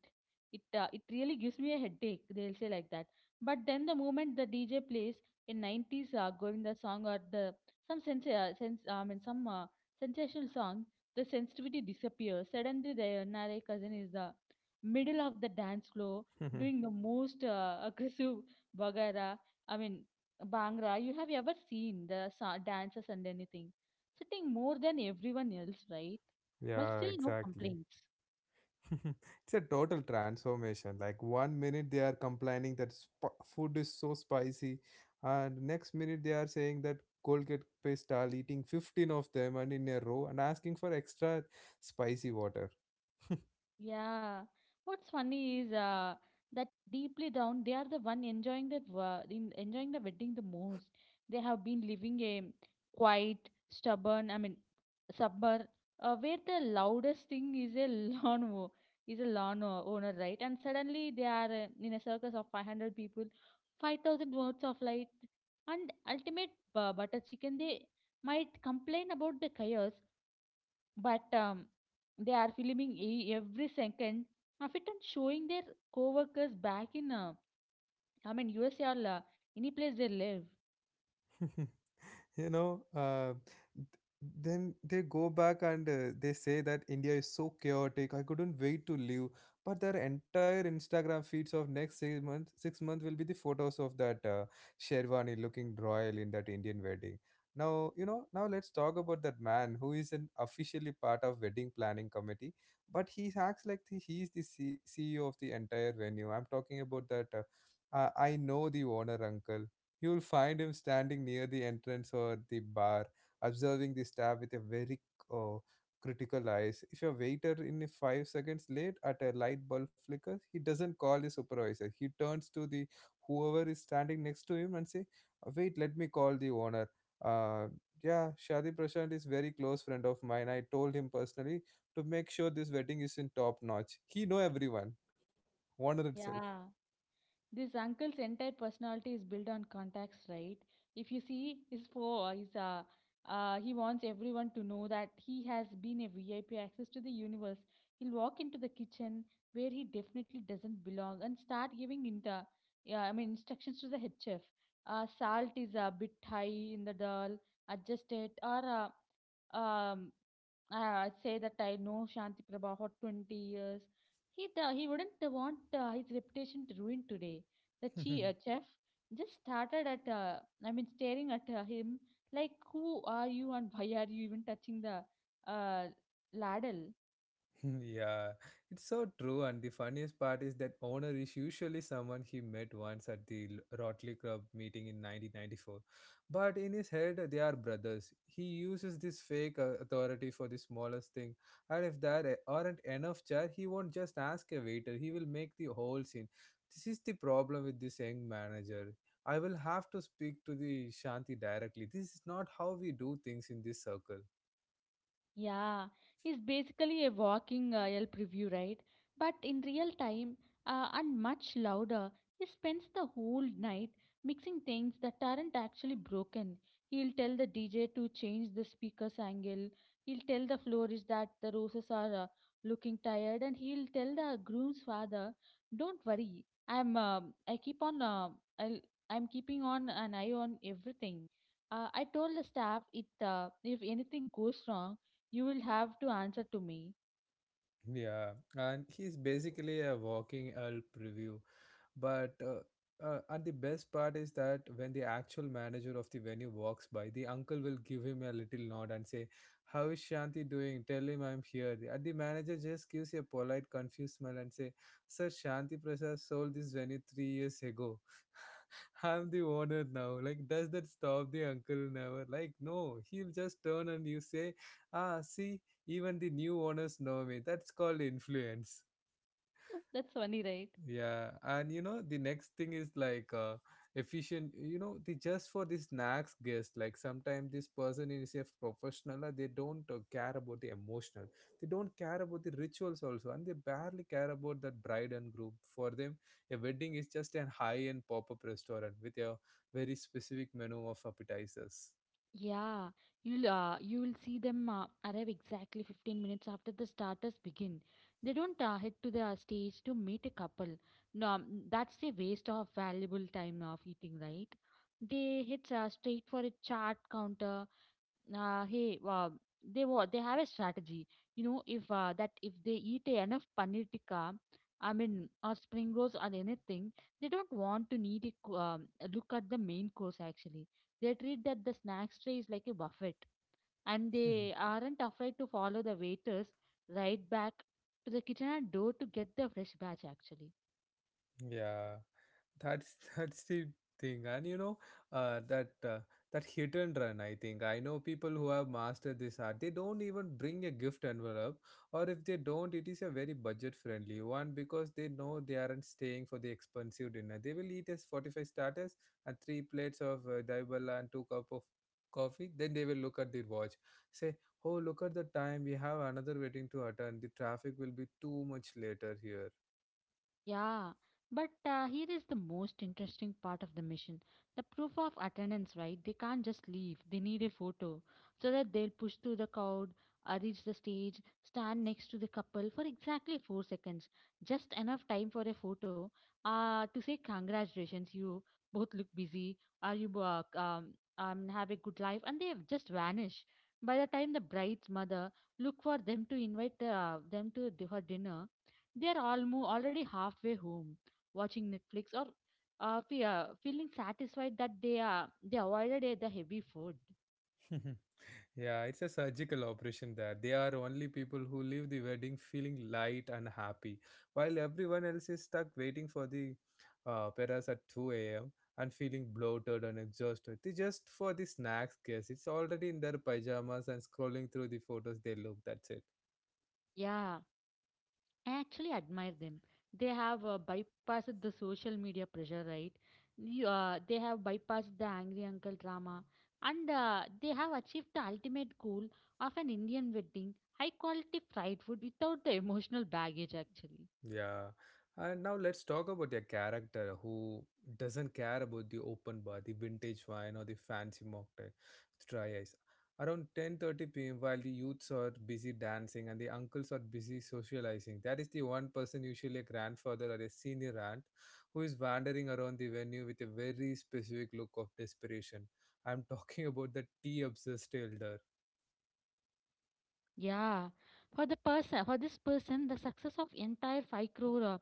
Speaker 2: It really gives me a headache, they'll say like that. But then the moment the DJ plays a 90s Govinda song or the some sense, sense I mean some sensational song, the sensitivity disappears. Suddenly, the Nare cousin is the middle of the dance floor doing the most aggressive bagara. I mean bangra you have ever seen the dancers and anything sitting more than everyone else, right? Well,
Speaker 1: Yeah,
Speaker 2: still no
Speaker 1: exactly.
Speaker 2: complaints.
Speaker 1: It's a total transformation. Like one minute they are complaining that food is so spicy, and next minute they are saying that Colgate paste are eating 15 of them and in a row and asking for extra spicy water.
Speaker 2: Yeah. What's funny is that deeply down they are the one enjoying that wo- in enjoying the wedding the most. They have been living a quiet, stubborn, I mean, suburb where the loudest thing is a lawn owner, right? And suddenly they are in a circus of 500 people, 5,000 watts of light, and ultimate butter chicken. They might complain about the chaos, but they are filming every second of it and showing their co-workers back in usa or any place they live.
Speaker 1: You know, then they go back and they say that india is so chaotic, I couldn't wait to leave, but their entire instagram feeds of next 6 months will be the photos of that sherwani looking royal in that indian wedding. Now you know, now let's talk about that man who isn't officially part of wedding planning committee, but he acts like the, he is the ceo of the entire venue. I'm talking about that I know the owner uncle. You'll find him standing near the entrance or the bar, observing the staff with a very uh, critical eyes. If your waiter in 5 seconds late at a light bulb flickers, he doesn't call his supervisor. He turns to the whoever is standing next to him and say, "Wait, let me call the owner." Uh, yeah, Shadi Prashant is very close friend of mine. I told him personally to make sure this wedding is in top notch. He know everyone. Owner itself.
Speaker 2: Yeah. This uncle's entire personality is built on contacts, right? If you see his for his he wants everyone to know that he has been a VIP access to the universe. He'll walk into the kitchen where he definitely doesn't belong and start giving inter, yeah, I mean instructions to the head chef. "Uh, salt is a bit high in the dal, adjust it, or uh, um say that I know Shanti Prabha for 20 years. He wouldn't want his reputation to ruin today." The chef just started at I mean staring at him like, "Who are you and why are you even touching the uh, ladle?"
Speaker 1: Yeah, it's so true. And the funniest part is that owner is usually someone he met once at the Rotary Club meeting in 1994. But in his head, they are brothers. He uses this fake authority for the smallest thing. And if there aren't enough chair, he won't just ask a waiter. He will make the whole scene. This is the problem with this young manager. I will have to speak to the Shanti directly. This is not how we do things in this circle.
Speaker 2: Yeah, it's basically a walking Yelp review, right? But in real time, and much louder, he spends the whole night mixing things that aren't actually broken. He'll tell the DJ to change the speaker's angle, he'll tell the florist that the roses are looking tired, and he'll tell the groom's father, "Don't worry, I'll, I'm keeping on an eye on everything. I told the staff if anything goes wrong you will have to answer to me."
Speaker 1: Yeah, and he's basically a walking Elp review. But and the best part is that when the actual manager of the venue walks by, the uncle will give him a little nod and say, "How is Shanti doing? Tell him I'm here." And the manager just gives a polite, confused smile and say, "Sir, Shanti Prasad sold this venue 3 years ago. I'm the owner now." Like, does that stop the uncle? Never. Like, no. He'll just turn and you say, "Ah, see, even the new owners know me, that's called influence."
Speaker 2: That's funny, right?
Speaker 1: Yeah, and the next thing is like efficient. The just for this next guest, like sometimes this person is a professional and they don't care about the emotional. They don't care about the rituals also, and they barely care about that bride and groom. For them a wedding is just an high-end pop-up restaurant with a very specific menu of appetizers.
Speaker 2: Yeah, you'll see them arrive exactly 15 minutes after the starters begin. They don't head to the stage to meet a couple. No, that's a waste of valuable time of eating, right? They hit straight for a chart counter. Uh, hey uh, they wa- they have a strategy. You know, if that if they eat enough paneer tikka, i mean or spring rolls or anything, they don't want to need a co- a look at the main course actually. They treat that the snacks tray is like a buffet, and they aren't afraid to follow the waiters right back to the kitchen and door to get the fresh batch actually.
Speaker 1: Yeah, that's that's the thing, and uh, that uh, that hit and run. I think I know people who have mastered this art. They don't even bring a gift envelope, or if they don't, it is a very budget friendly one because they know they aren't staying for the expensive dinner. They will eat as 45 starters and three plates of daibala and two cup of coffee. Then they will look at their watch, say, "Oh, look at the time. We have another wedding to attend. The traffic will be too much later here."
Speaker 2: Yeah, but here is the most interesting part of the mission. The proof of attendance, right? They can't just leave. They need a photo so that they'll push through the crowd, reach the stage, stand next to the couple for exactly 4 seconds. Just enough time for a photo to say, "Congratulations, you both look busy. Are you have a good life?" And they just vanish. By the time the bride's mother look for them to invite them to her dinner, they are already halfway home, watching Netflix or feeling satisfied that they avoided the heavy food.
Speaker 1: Yeah, it's a surgical operation there. They are only people who leave the wedding feeling light and happy, while everyone else is stuck waiting for the peras at 2 a.m. and feeling bloated and exhausted. They just for the snacks, guess it's already in their pajamas and scrolling through the photos they look. That's it.
Speaker 2: Yeah, I actually admire them. They have bypassed the social media pressure, right? They have bypassed the angry uncle drama, and they have achieved the ultimate goal of an Indian wedding, high quality fried food without the emotional baggage, actually.
Speaker 1: Yeah. And now let's talk about their character who doesn't care about the open bar, the vintage wine or the fancy mocktail with dry ice. Around 10:30 p.m. while the youths are busy dancing and the uncles are busy socializing, that is the one person usually a grandfather or a senior aunt who is wandering around the venue with a very specific look of desperation. I'm talking about the tea obsessed elder.
Speaker 2: Yeah, for the person, for this person, the success of entire five crore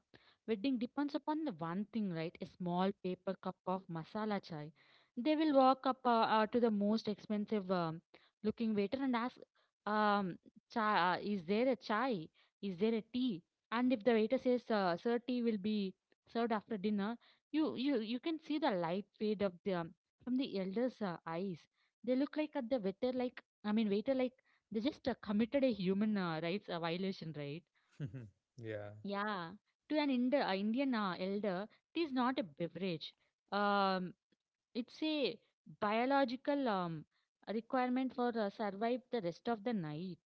Speaker 2: wedding depends upon the one thing, right? A small paper cup of masala chai. They will walk up to the most expensive looking waiter and ask, um, "Is there a chai? Is there a tea?" And if the waiter says, "Uh, sir, tea will be served after dinner," you can see the light fade of the from the elder's eyes. They look like at the waiter like they just committed a human rights violation, right?
Speaker 1: Yeah.
Speaker 2: Yeah. To an Indian elder, it is not a beverage. Um, it's a biological requirement for survive the rest of the night.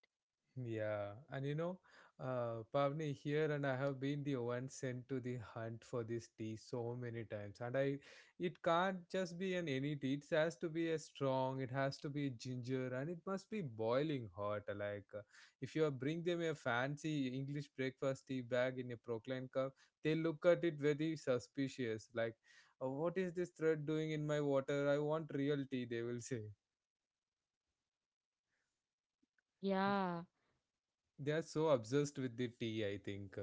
Speaker 1: Yeah, and Pavni here, and I have been the one sent to the hunt for this tea so many times, and it can't just be an any tea. It has to be a strong. It has to be ginger, and it must be boiling hot. Like if you are bring them a fancy English breakfast tea bag in a procline cup, they look at it very suspicious. Like, what is this thread doing in my water? I want real tea," they will say.
Speaker 2: Yeah.
Speaker 1: They are so obsessed with the tea, I think,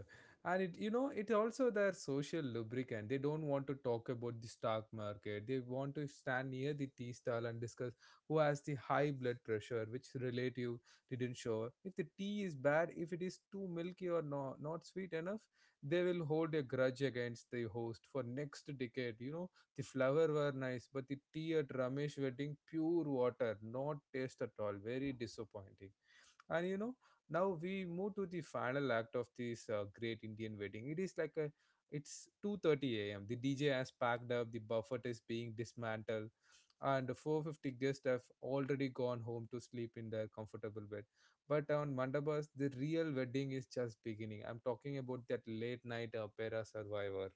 Speaker 1: and it it also their social lubricant. They don't want to talk about the stock market, they want to stand near the tea stall and discuss who has the high blood pressure, which relative didn't show, if the tea is bad, if it is too milky, or no not sweet enough. They will hold a grudge against the host for next decade. The flower were nice but the tea at ramesh wedding pure water, not taste at all, very disappointing. And now we move to the final act of this great Indian wedding. It is like a it's 2:30 a.m. The DJ has packed up, the buffet is being dismantled, and the 450 guests have already gone home to sleep in their comfortable bed. But on mandabas the real wedding is just beginning. I'm talking about that late night opera survivor.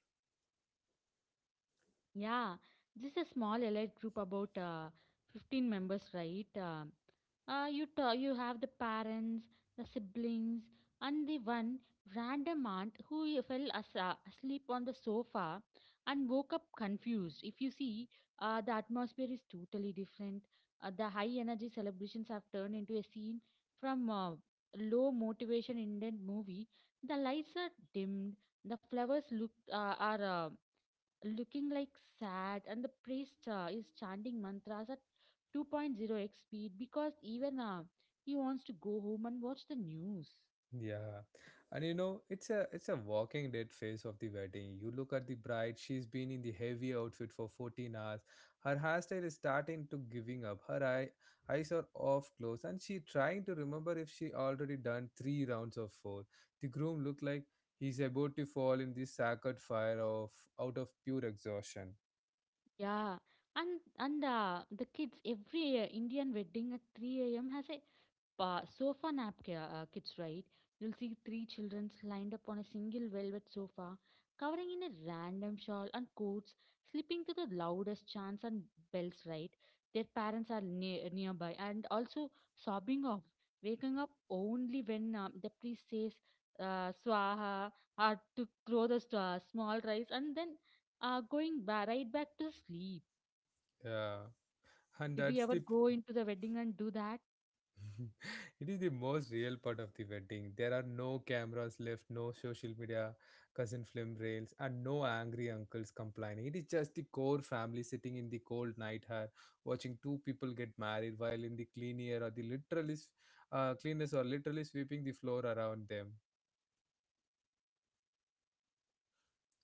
Speaker 2: Yeah. This is a small allied group, about 15 members, right? You have the parents, the siblings, and the one random aunt who asleep on the sofa and woke up confused. If you see, the atmosphere is totally different. The high energy celebrations have turned into a scene from a low motivation indian movie. The lights are dimmed, the flowers look are looking like sad, and the priest is chanting mantras at two point zero x speed because even he wants to go home and watch the news.
Speaker 1: Yeah. And you know, it's a walking dead phase of the wedding. You look at the bride, she's been in the heavy outfit for 14 hours. Her hairstyle is starting to giving up. Her eyes are off close and she trying to remember if she already done 3 rounds of 4. The groom looked like he's about to fall in the sacred fire of out of pure exhaustion.
Speaker 2: Yeah, and the kids, every indian wedding at 3 a.m has a sofa nap kits, right? You'll see three children lined up on a single velvet sofa, covering in a random shawl and coats, sleeping to the loudest chants and bells, right? Their parents are nearby and also sobbing off, waking up only when the priest says swaha or to throw the small rice, and then right back to sleep.
Speaker 1: Yeah. And
Speaker 2: Did you
Speaker 1: that's
Speaker 2: ever
Speaker 1: the
Speaker 2: go into the wedding and do that?
Speaker 1: It is the most real part of the wedding. There are no cameras left, no social media, cousin film rails, and no angry uncles complaining. It is just the core family sitting in the cold night hair, watching two people get married while in the clean air or the literally cleaners are literally sweeping the floor around them.
Speaker 2: Yeah.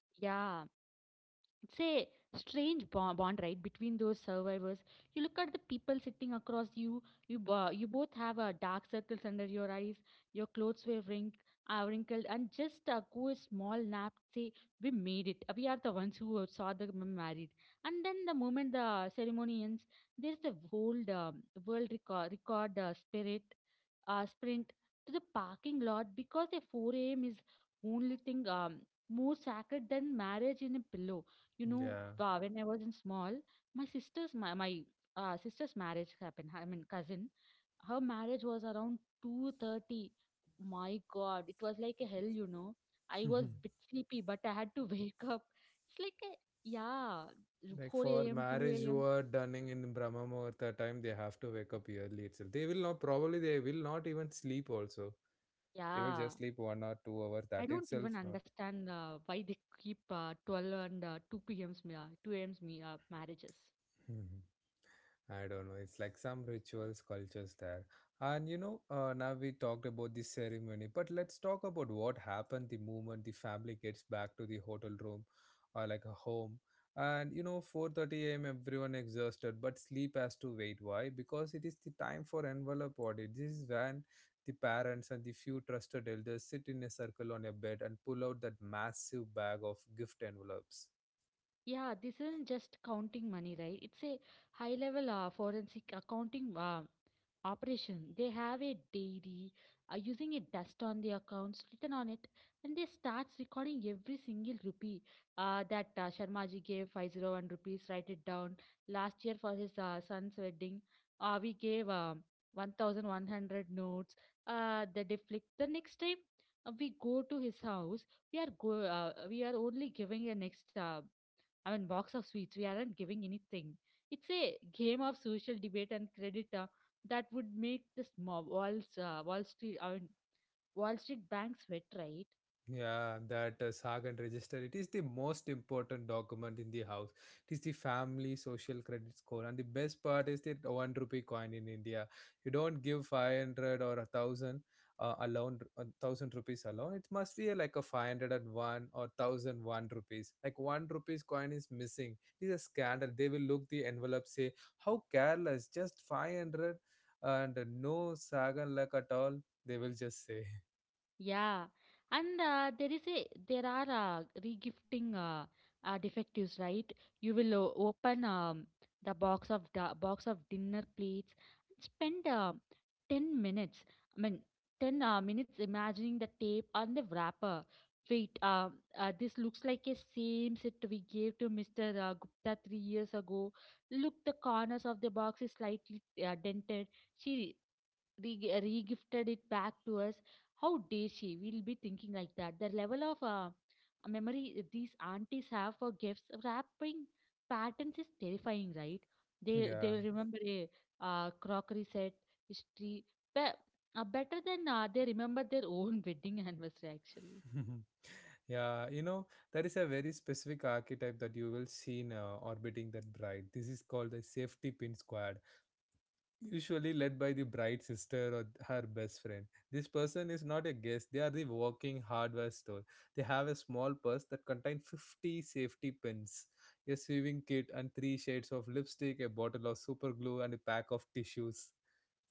Speaker 2: It's a strange bond, right, between those survivors. You look at the people sitting across you, you both have dark circles under your eyes, your clothes were wrinkled, and just go a small nap, say, "We made it, we are the ones who saw the married." And then the moment the ceremony ends, there's the whole world record, record spirit sprint to the parking lot because a 4 a.m. is only thing more sacred than marriage in a pillow. You know,
Speaker 1: Yeah.
Speaker 2: when I was in small, my sister's marriage happened. I mean, cousin, her marriage was around 2:30. My God, it was like a hell. You know, I was bit sleepy, but I had to wake up. It's like a yeah,
Speaker 1: Like
Speaker 2: 4
Speaker 1: for
Speaker 2: a.m.,
Speaker 1: marriage,
Speaker 2: 2
Speaker 1: you
Speaker 2: a.m.
Speaker 1: are done in Brahma Muhurta time, they have to wake up early itself. They will not, probably, they will not even sleep also. They will
Speaker 2: Yeah,
Speaker 1: just sleep 1 or 2 hours.
Speaker 2: I
Speaker 1: That
Speaker 2: don't
Speaker 1: itself,
Speaker 2: even
Speaker 1: no.
Speaker 2: understand why they keep 12 and 2 p.m.'s, 2 a.m.'s marriages.
Speaker 1: Mhm. I don't know. It's like some rituals, cultures there. And now we talked about the ceremony, but let's talk about what happened the moment the family gets back to the hotel room or like a home. And you know, 4:30 a.m. everyone exhausted, but sleep has to wait. Why? Because it is the time for envelope audit. This is when the parents and the few trusted elders sit in a circle on a bed and pull out that massive bag of gift envelopes.
Speaker 2: Yeah, this isn't just counting money, right? It's a high level forensic accounting operation. They have a diary using a dust on the accounts written on it, and they starts recording every single rupee that Sharmaji gave 501 rupees, write it down. Last year for his son's wedding, we gave 1100 notes. The deflict. The next time we go to his house, we are only giving a next box of sweets. We aren't giving anything. It's a game of social debate and credit that would make the small uh, Wall Street, I mean, Wall Street banks sweat, right?
Speaker 1: Yeah, that saga and register. It is the most important document in the house. It is the family social credit score, and the best part is that 1 rupee coin in India. You don't give 500 or 1,000 alone, 1,000 rupees alone. It must be like a 501 or 1,001 rupees. Like one rupees coin is missing. It is a scandal. They will look the envelope, say how careless, just 500 and no saga luck at all. They will just say,
Speaker 2: Yeah, and there is a there are regifting defectives, right? You will open the box of dinner plates and spend 10 minutes. I mean, ten minutes imagining the tape on the wrapper. Wait, this looks like a same set we gave to Mr. Gupta 3 years ago. Look, the corners of the box is slightly dented. She re-gifted it back to us, how dare she, we'll be thinking like that. The level of memory these aunties have for gifts wrapping patterns is terrifying, right? They
Speaker 1: yeah.
Speaker 2: will remember a crockery set history be- better than they remember their own wedding anniversary actually.
Speaker 1: Yeah, there is a very specific archetype that you will see now orbiting that bride. This is called the safety pin squad, usually led by the bride's sister or her best friend. This person is not a guest, they are the walking hardware store. They have a small purse that contains 50 safety pins, a sewing kit, and three shades of lipstick, a bottle of super glue, and a pack of tissues.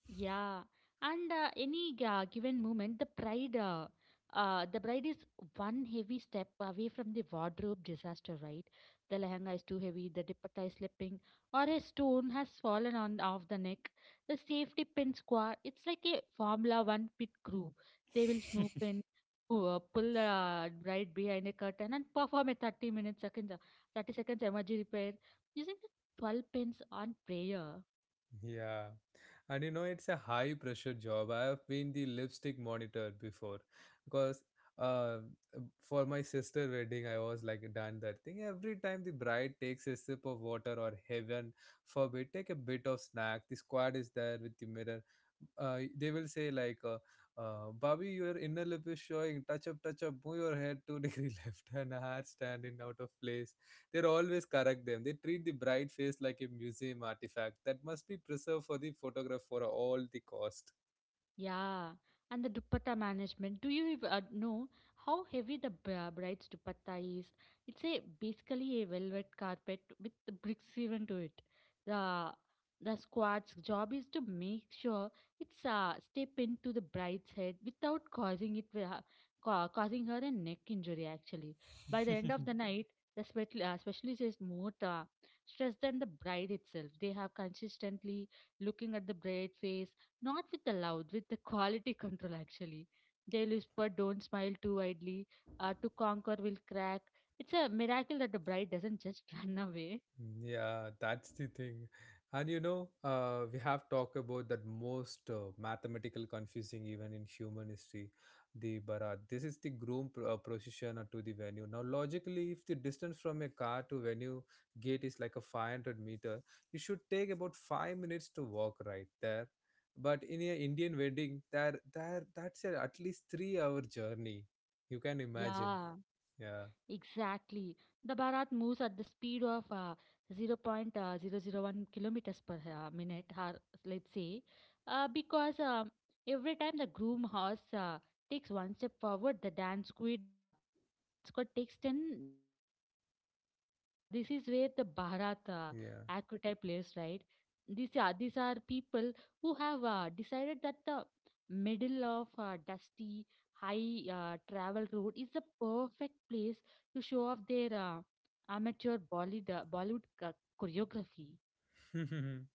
Speaker 2: Yeah, and any given moment, the bride is one heavy step away from the wardrobe disaster, right? The lehenga is too heavy, the dupatta is slipping, or a stone has fallen on off the neck. The safety pin squad, it's like a Formula One pit crew. They will snoop in, pull bride behind a curtain, and perform a 30 seconds emergency repair using the 12 pins on prayer.
Speaker 1: Yeah. And you know, it's a high pressure job. I have been the lipstick monitor before because uh, for my sister wedding, I was like done that thing. Every time the bride takes a sip of water or heaven forbid, take a bit of snack, the squad is there with the mirror. They will say like, Bobby, your inner lip is showing. Touch up, touch up. Move your head two degree left and hair standing out of place. They always correct them. They treat the bride face like a museum artifact that must be preserved for the photograph for all the cost.
Speaker 2: Yeah, and the dupatta management. Do you know how heavy the bride's dupatta is? It's a basically a velvet carpet with the bricks even to it. The the squad's job is to make sure it's step into the bride's head without causing it causing her a neck injury. Actually, by the end of the night, the specialist is more stressed than the bride itself. They have consistently looking at the bride face, not with the loud, with the quality control actually. They'll whisper, don't smile too widely, to conquer will crack. It's a miracle that the bride doesn't just run away.
Speaker 1: Mm, yeah, that's the thing. And we have talked about that most mathematical confusing even in human history, the Bharat. This is the groom procession to the venue. Now, logically, if the distance from a car to venue gate is like a 500 meter, you should take about 5 minutes to walk right there. But in a Indian wedding, there, at least 3 hour journey. You can imagine.
Speaker 2: Yeah.
Speaker 1: Yeah,
Speaker 2: Exactly. The Bharat moves at the speed of zero point zero zero 0.001 kilometers per minute, or let's say, because every time the groom horse takes one step forward, dance squad takes 10 steps back. This is where the Bharat
Speaker 1: yeah.
Speaker 2: archetype lives, right? These are people who have decided that the middle of dusty, high travel road is the perfect place to show off their amateur Bollywood choreography.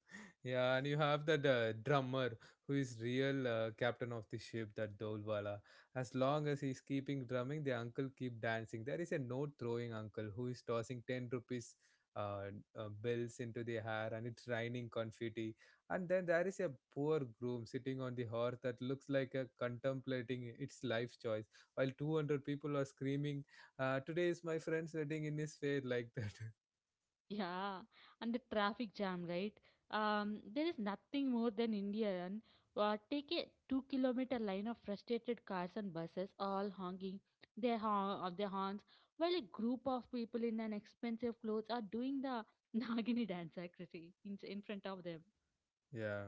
Speaker 1: Yeah, and you have that drummer who is real captain of the ship, that Dolwala. As long as he's keeping drumming, the uncle keep dancing. There is a note throwing uncle who is tossing 10 rupees uh, bills into the air, and it's raining confetti. And then there is a poor groom sitting on the horse that looks like a contemplating its life choice, while 200 people are screaming, "Today is my friend's wedding" in his face like that.
Speaker 2: Yeah, and the traffic jam, right? There is nothing more than Indian. Take a two-kilometer line of frustrated cars and buses, all honking their horns, while a group of people in an expensive clothes are doing the Nagini dance, actually, in front of them.
Speaker 1: yeah,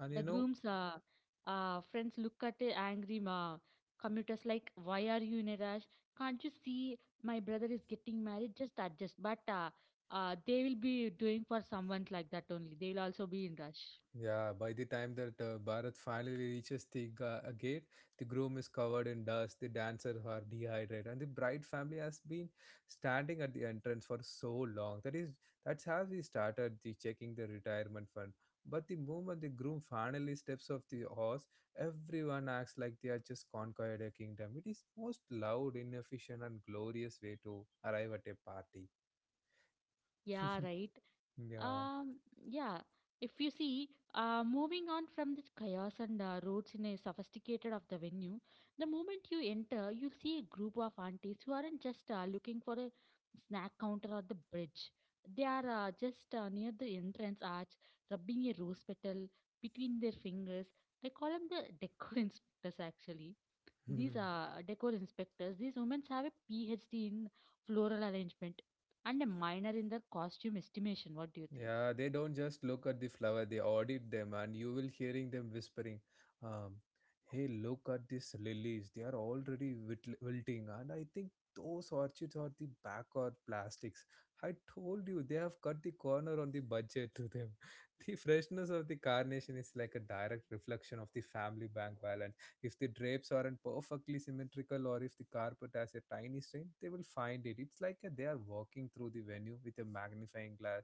Speaker 1: and
Speaker 2: The
Speaker 1: you know.
Speaker 2: groom's friends look at the angry ma. Commuters like, why are you in a rush? Can't you see my brother is getting married? Just adjust. But they will be doing for someone like that only. They will also be in rush.
Speaker 1: Yeah, by the time that Bharat finally reaches the gate, the groom is covered in dust, the dancers are dehydrated, and the bride family has been standing at the entrance for so long. That's how we started the checking the retirement fund. But the moment the groom finally steps off the horse, everyone acts like they are just conquered a kingdom. It is most loud, inefficient, and glorious way to arrive at a party.
Speaker 2: Yeah, right.
Speaker 1: Yeah.
Speaker 2: Um, yeah. If you see, moving on from the chaos and roots in a sophisticated of the venue, the moment you enter, you'll see a group of aunties who aren't just looking for a snack counter or the bridge. They are just near the entrance arch, rubbing a rose petal between their fingers. I call them the decor inspectors. Actually, these are decor inspectors. These women have a PhD in floral arrangement and a minor in their costume estimation. What do you think?
Speaker 1: Yeah, they don't just look at the flower, they audit them, and you will hearing them whispering, um, "Hey, look at these lilies. They are already wilting." And I think those orchids are the back or plastics. I told you they have cut the corner on the budget to them. The freshness of the carnation is like a direct reflection of the family bank balance. If the drapes aren't perfectly symmetrical or if the carpet has a tiny stain, they will find it. It's like a, they are walking through the venue with a magnifying glass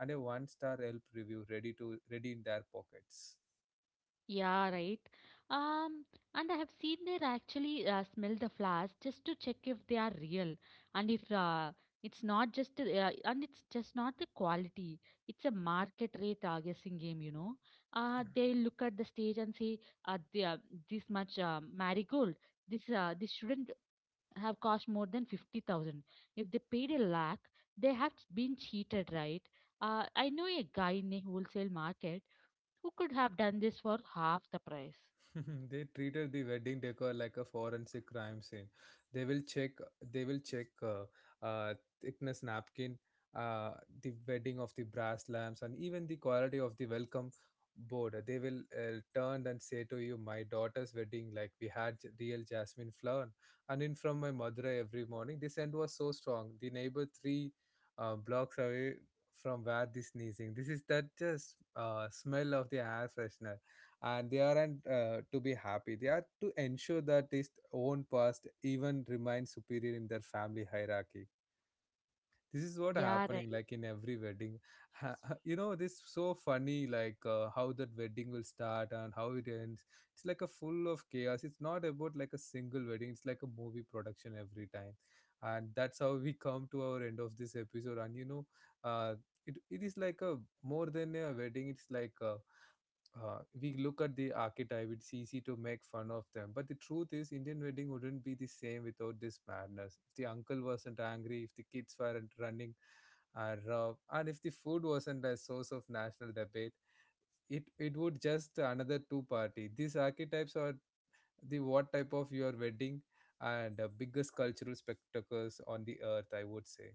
Speaker 1: and a one star Yelp review ready to ready in their pockets.
Speaker 2: Yeah, right. Um, and I have seen they actually smell the flowers just to check if they are real and if it's not just the, and it's just not the quality. It's a market rate guessing game, you know.
Speaker 1: Yeah.
Speaker 2: They look at the stage and say, uh, they, uh, this much marigold. This shouldn't have cost more than 50,000. If they paid a lakh, they have been cheated, right? I know a guy in a wholesale market who could have done this for half the price?
Speaker 1: They treated the wedding decor like a forensic crime scene. They will check. They will check thickness napkin, uh, the wedding of the brass lamps, and even the quality of the welcome board. They will turn and say to you, "My daughter's wedding, like we had real jasmine flower." And in from my Madurai every morning, the scent was so strong. The neighbor three blocks away from where the sneezing. This is that just smell of the air freshener, and they aren't to be happy, they are to ensure that his own past even remains superior in their family hierarchy. This is what
Speaker 2: Yeah, right. Right.
Speaker 1: happening like in every wedding. You know, this so funny, like how that wedding will start and how it ends. It's like a full of chaos. It's not about like a single wedding, it's like a movie production every time. And that's how we come to our end of this episode. And you know uh, it is like a more than a wedding, it's like a we look at the archetype, it's easy to make fun of them. But the truth is, Indian wedding wouldn't be the same without this madness. If the uncle wasn't angry, if the kids weren't running rough, and if the food wasn't a source of national debate, it would just another two party. These archetypes are the what type of your wedding and the biggest cultural spectacles on the earth, I would say.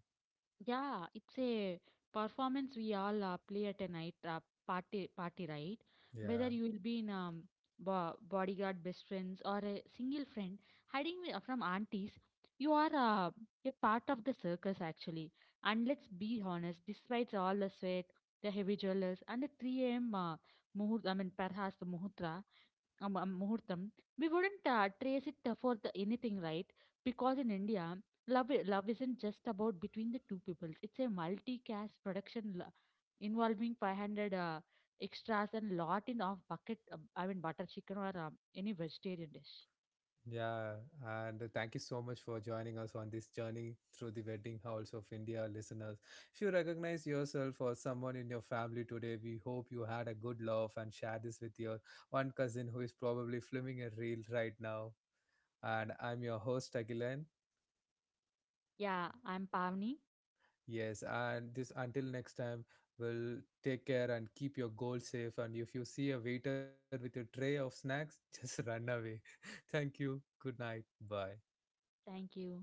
Speaker 2: Yeah, it's a performance we all play at a night party, right? Whether
Speaker 1: Yeah.
Speaker 2: you will be in bodyguard, best friends, or a single friend hiding from aunties, you are a part of the circus actually. And let's be honest, despite all the sweat, the heavy jewelers, and the 3 a.m. Perhaps the muhutra, ஆமா, முகூர்த்தம். We wouldn't trace it for the anything, right? Because in India, love isn't just about between the two peoples. It's a multi-cast production involving 500 extras and lot in of bucket. Butter chicken or any vegetarian dish.
Speaker 1: Yeah, and thank you so much for joining us on this journey through the wedding halls of India, listeners. If you recognize yourself or someone in your family today, we hope you had a good laugh and share this with your one cousin who is probably filming a reel right now. And I'm your host, Agilan.
Speaker 2: Yeah, I'm Pavni.
Speaker 1: Yes, and this until next time, we'll take care and keep your goal safe. And if you see a waiter with a tray of snacks, just run away. Thank you. Good night. Bye.
Speaker 2: Thank you.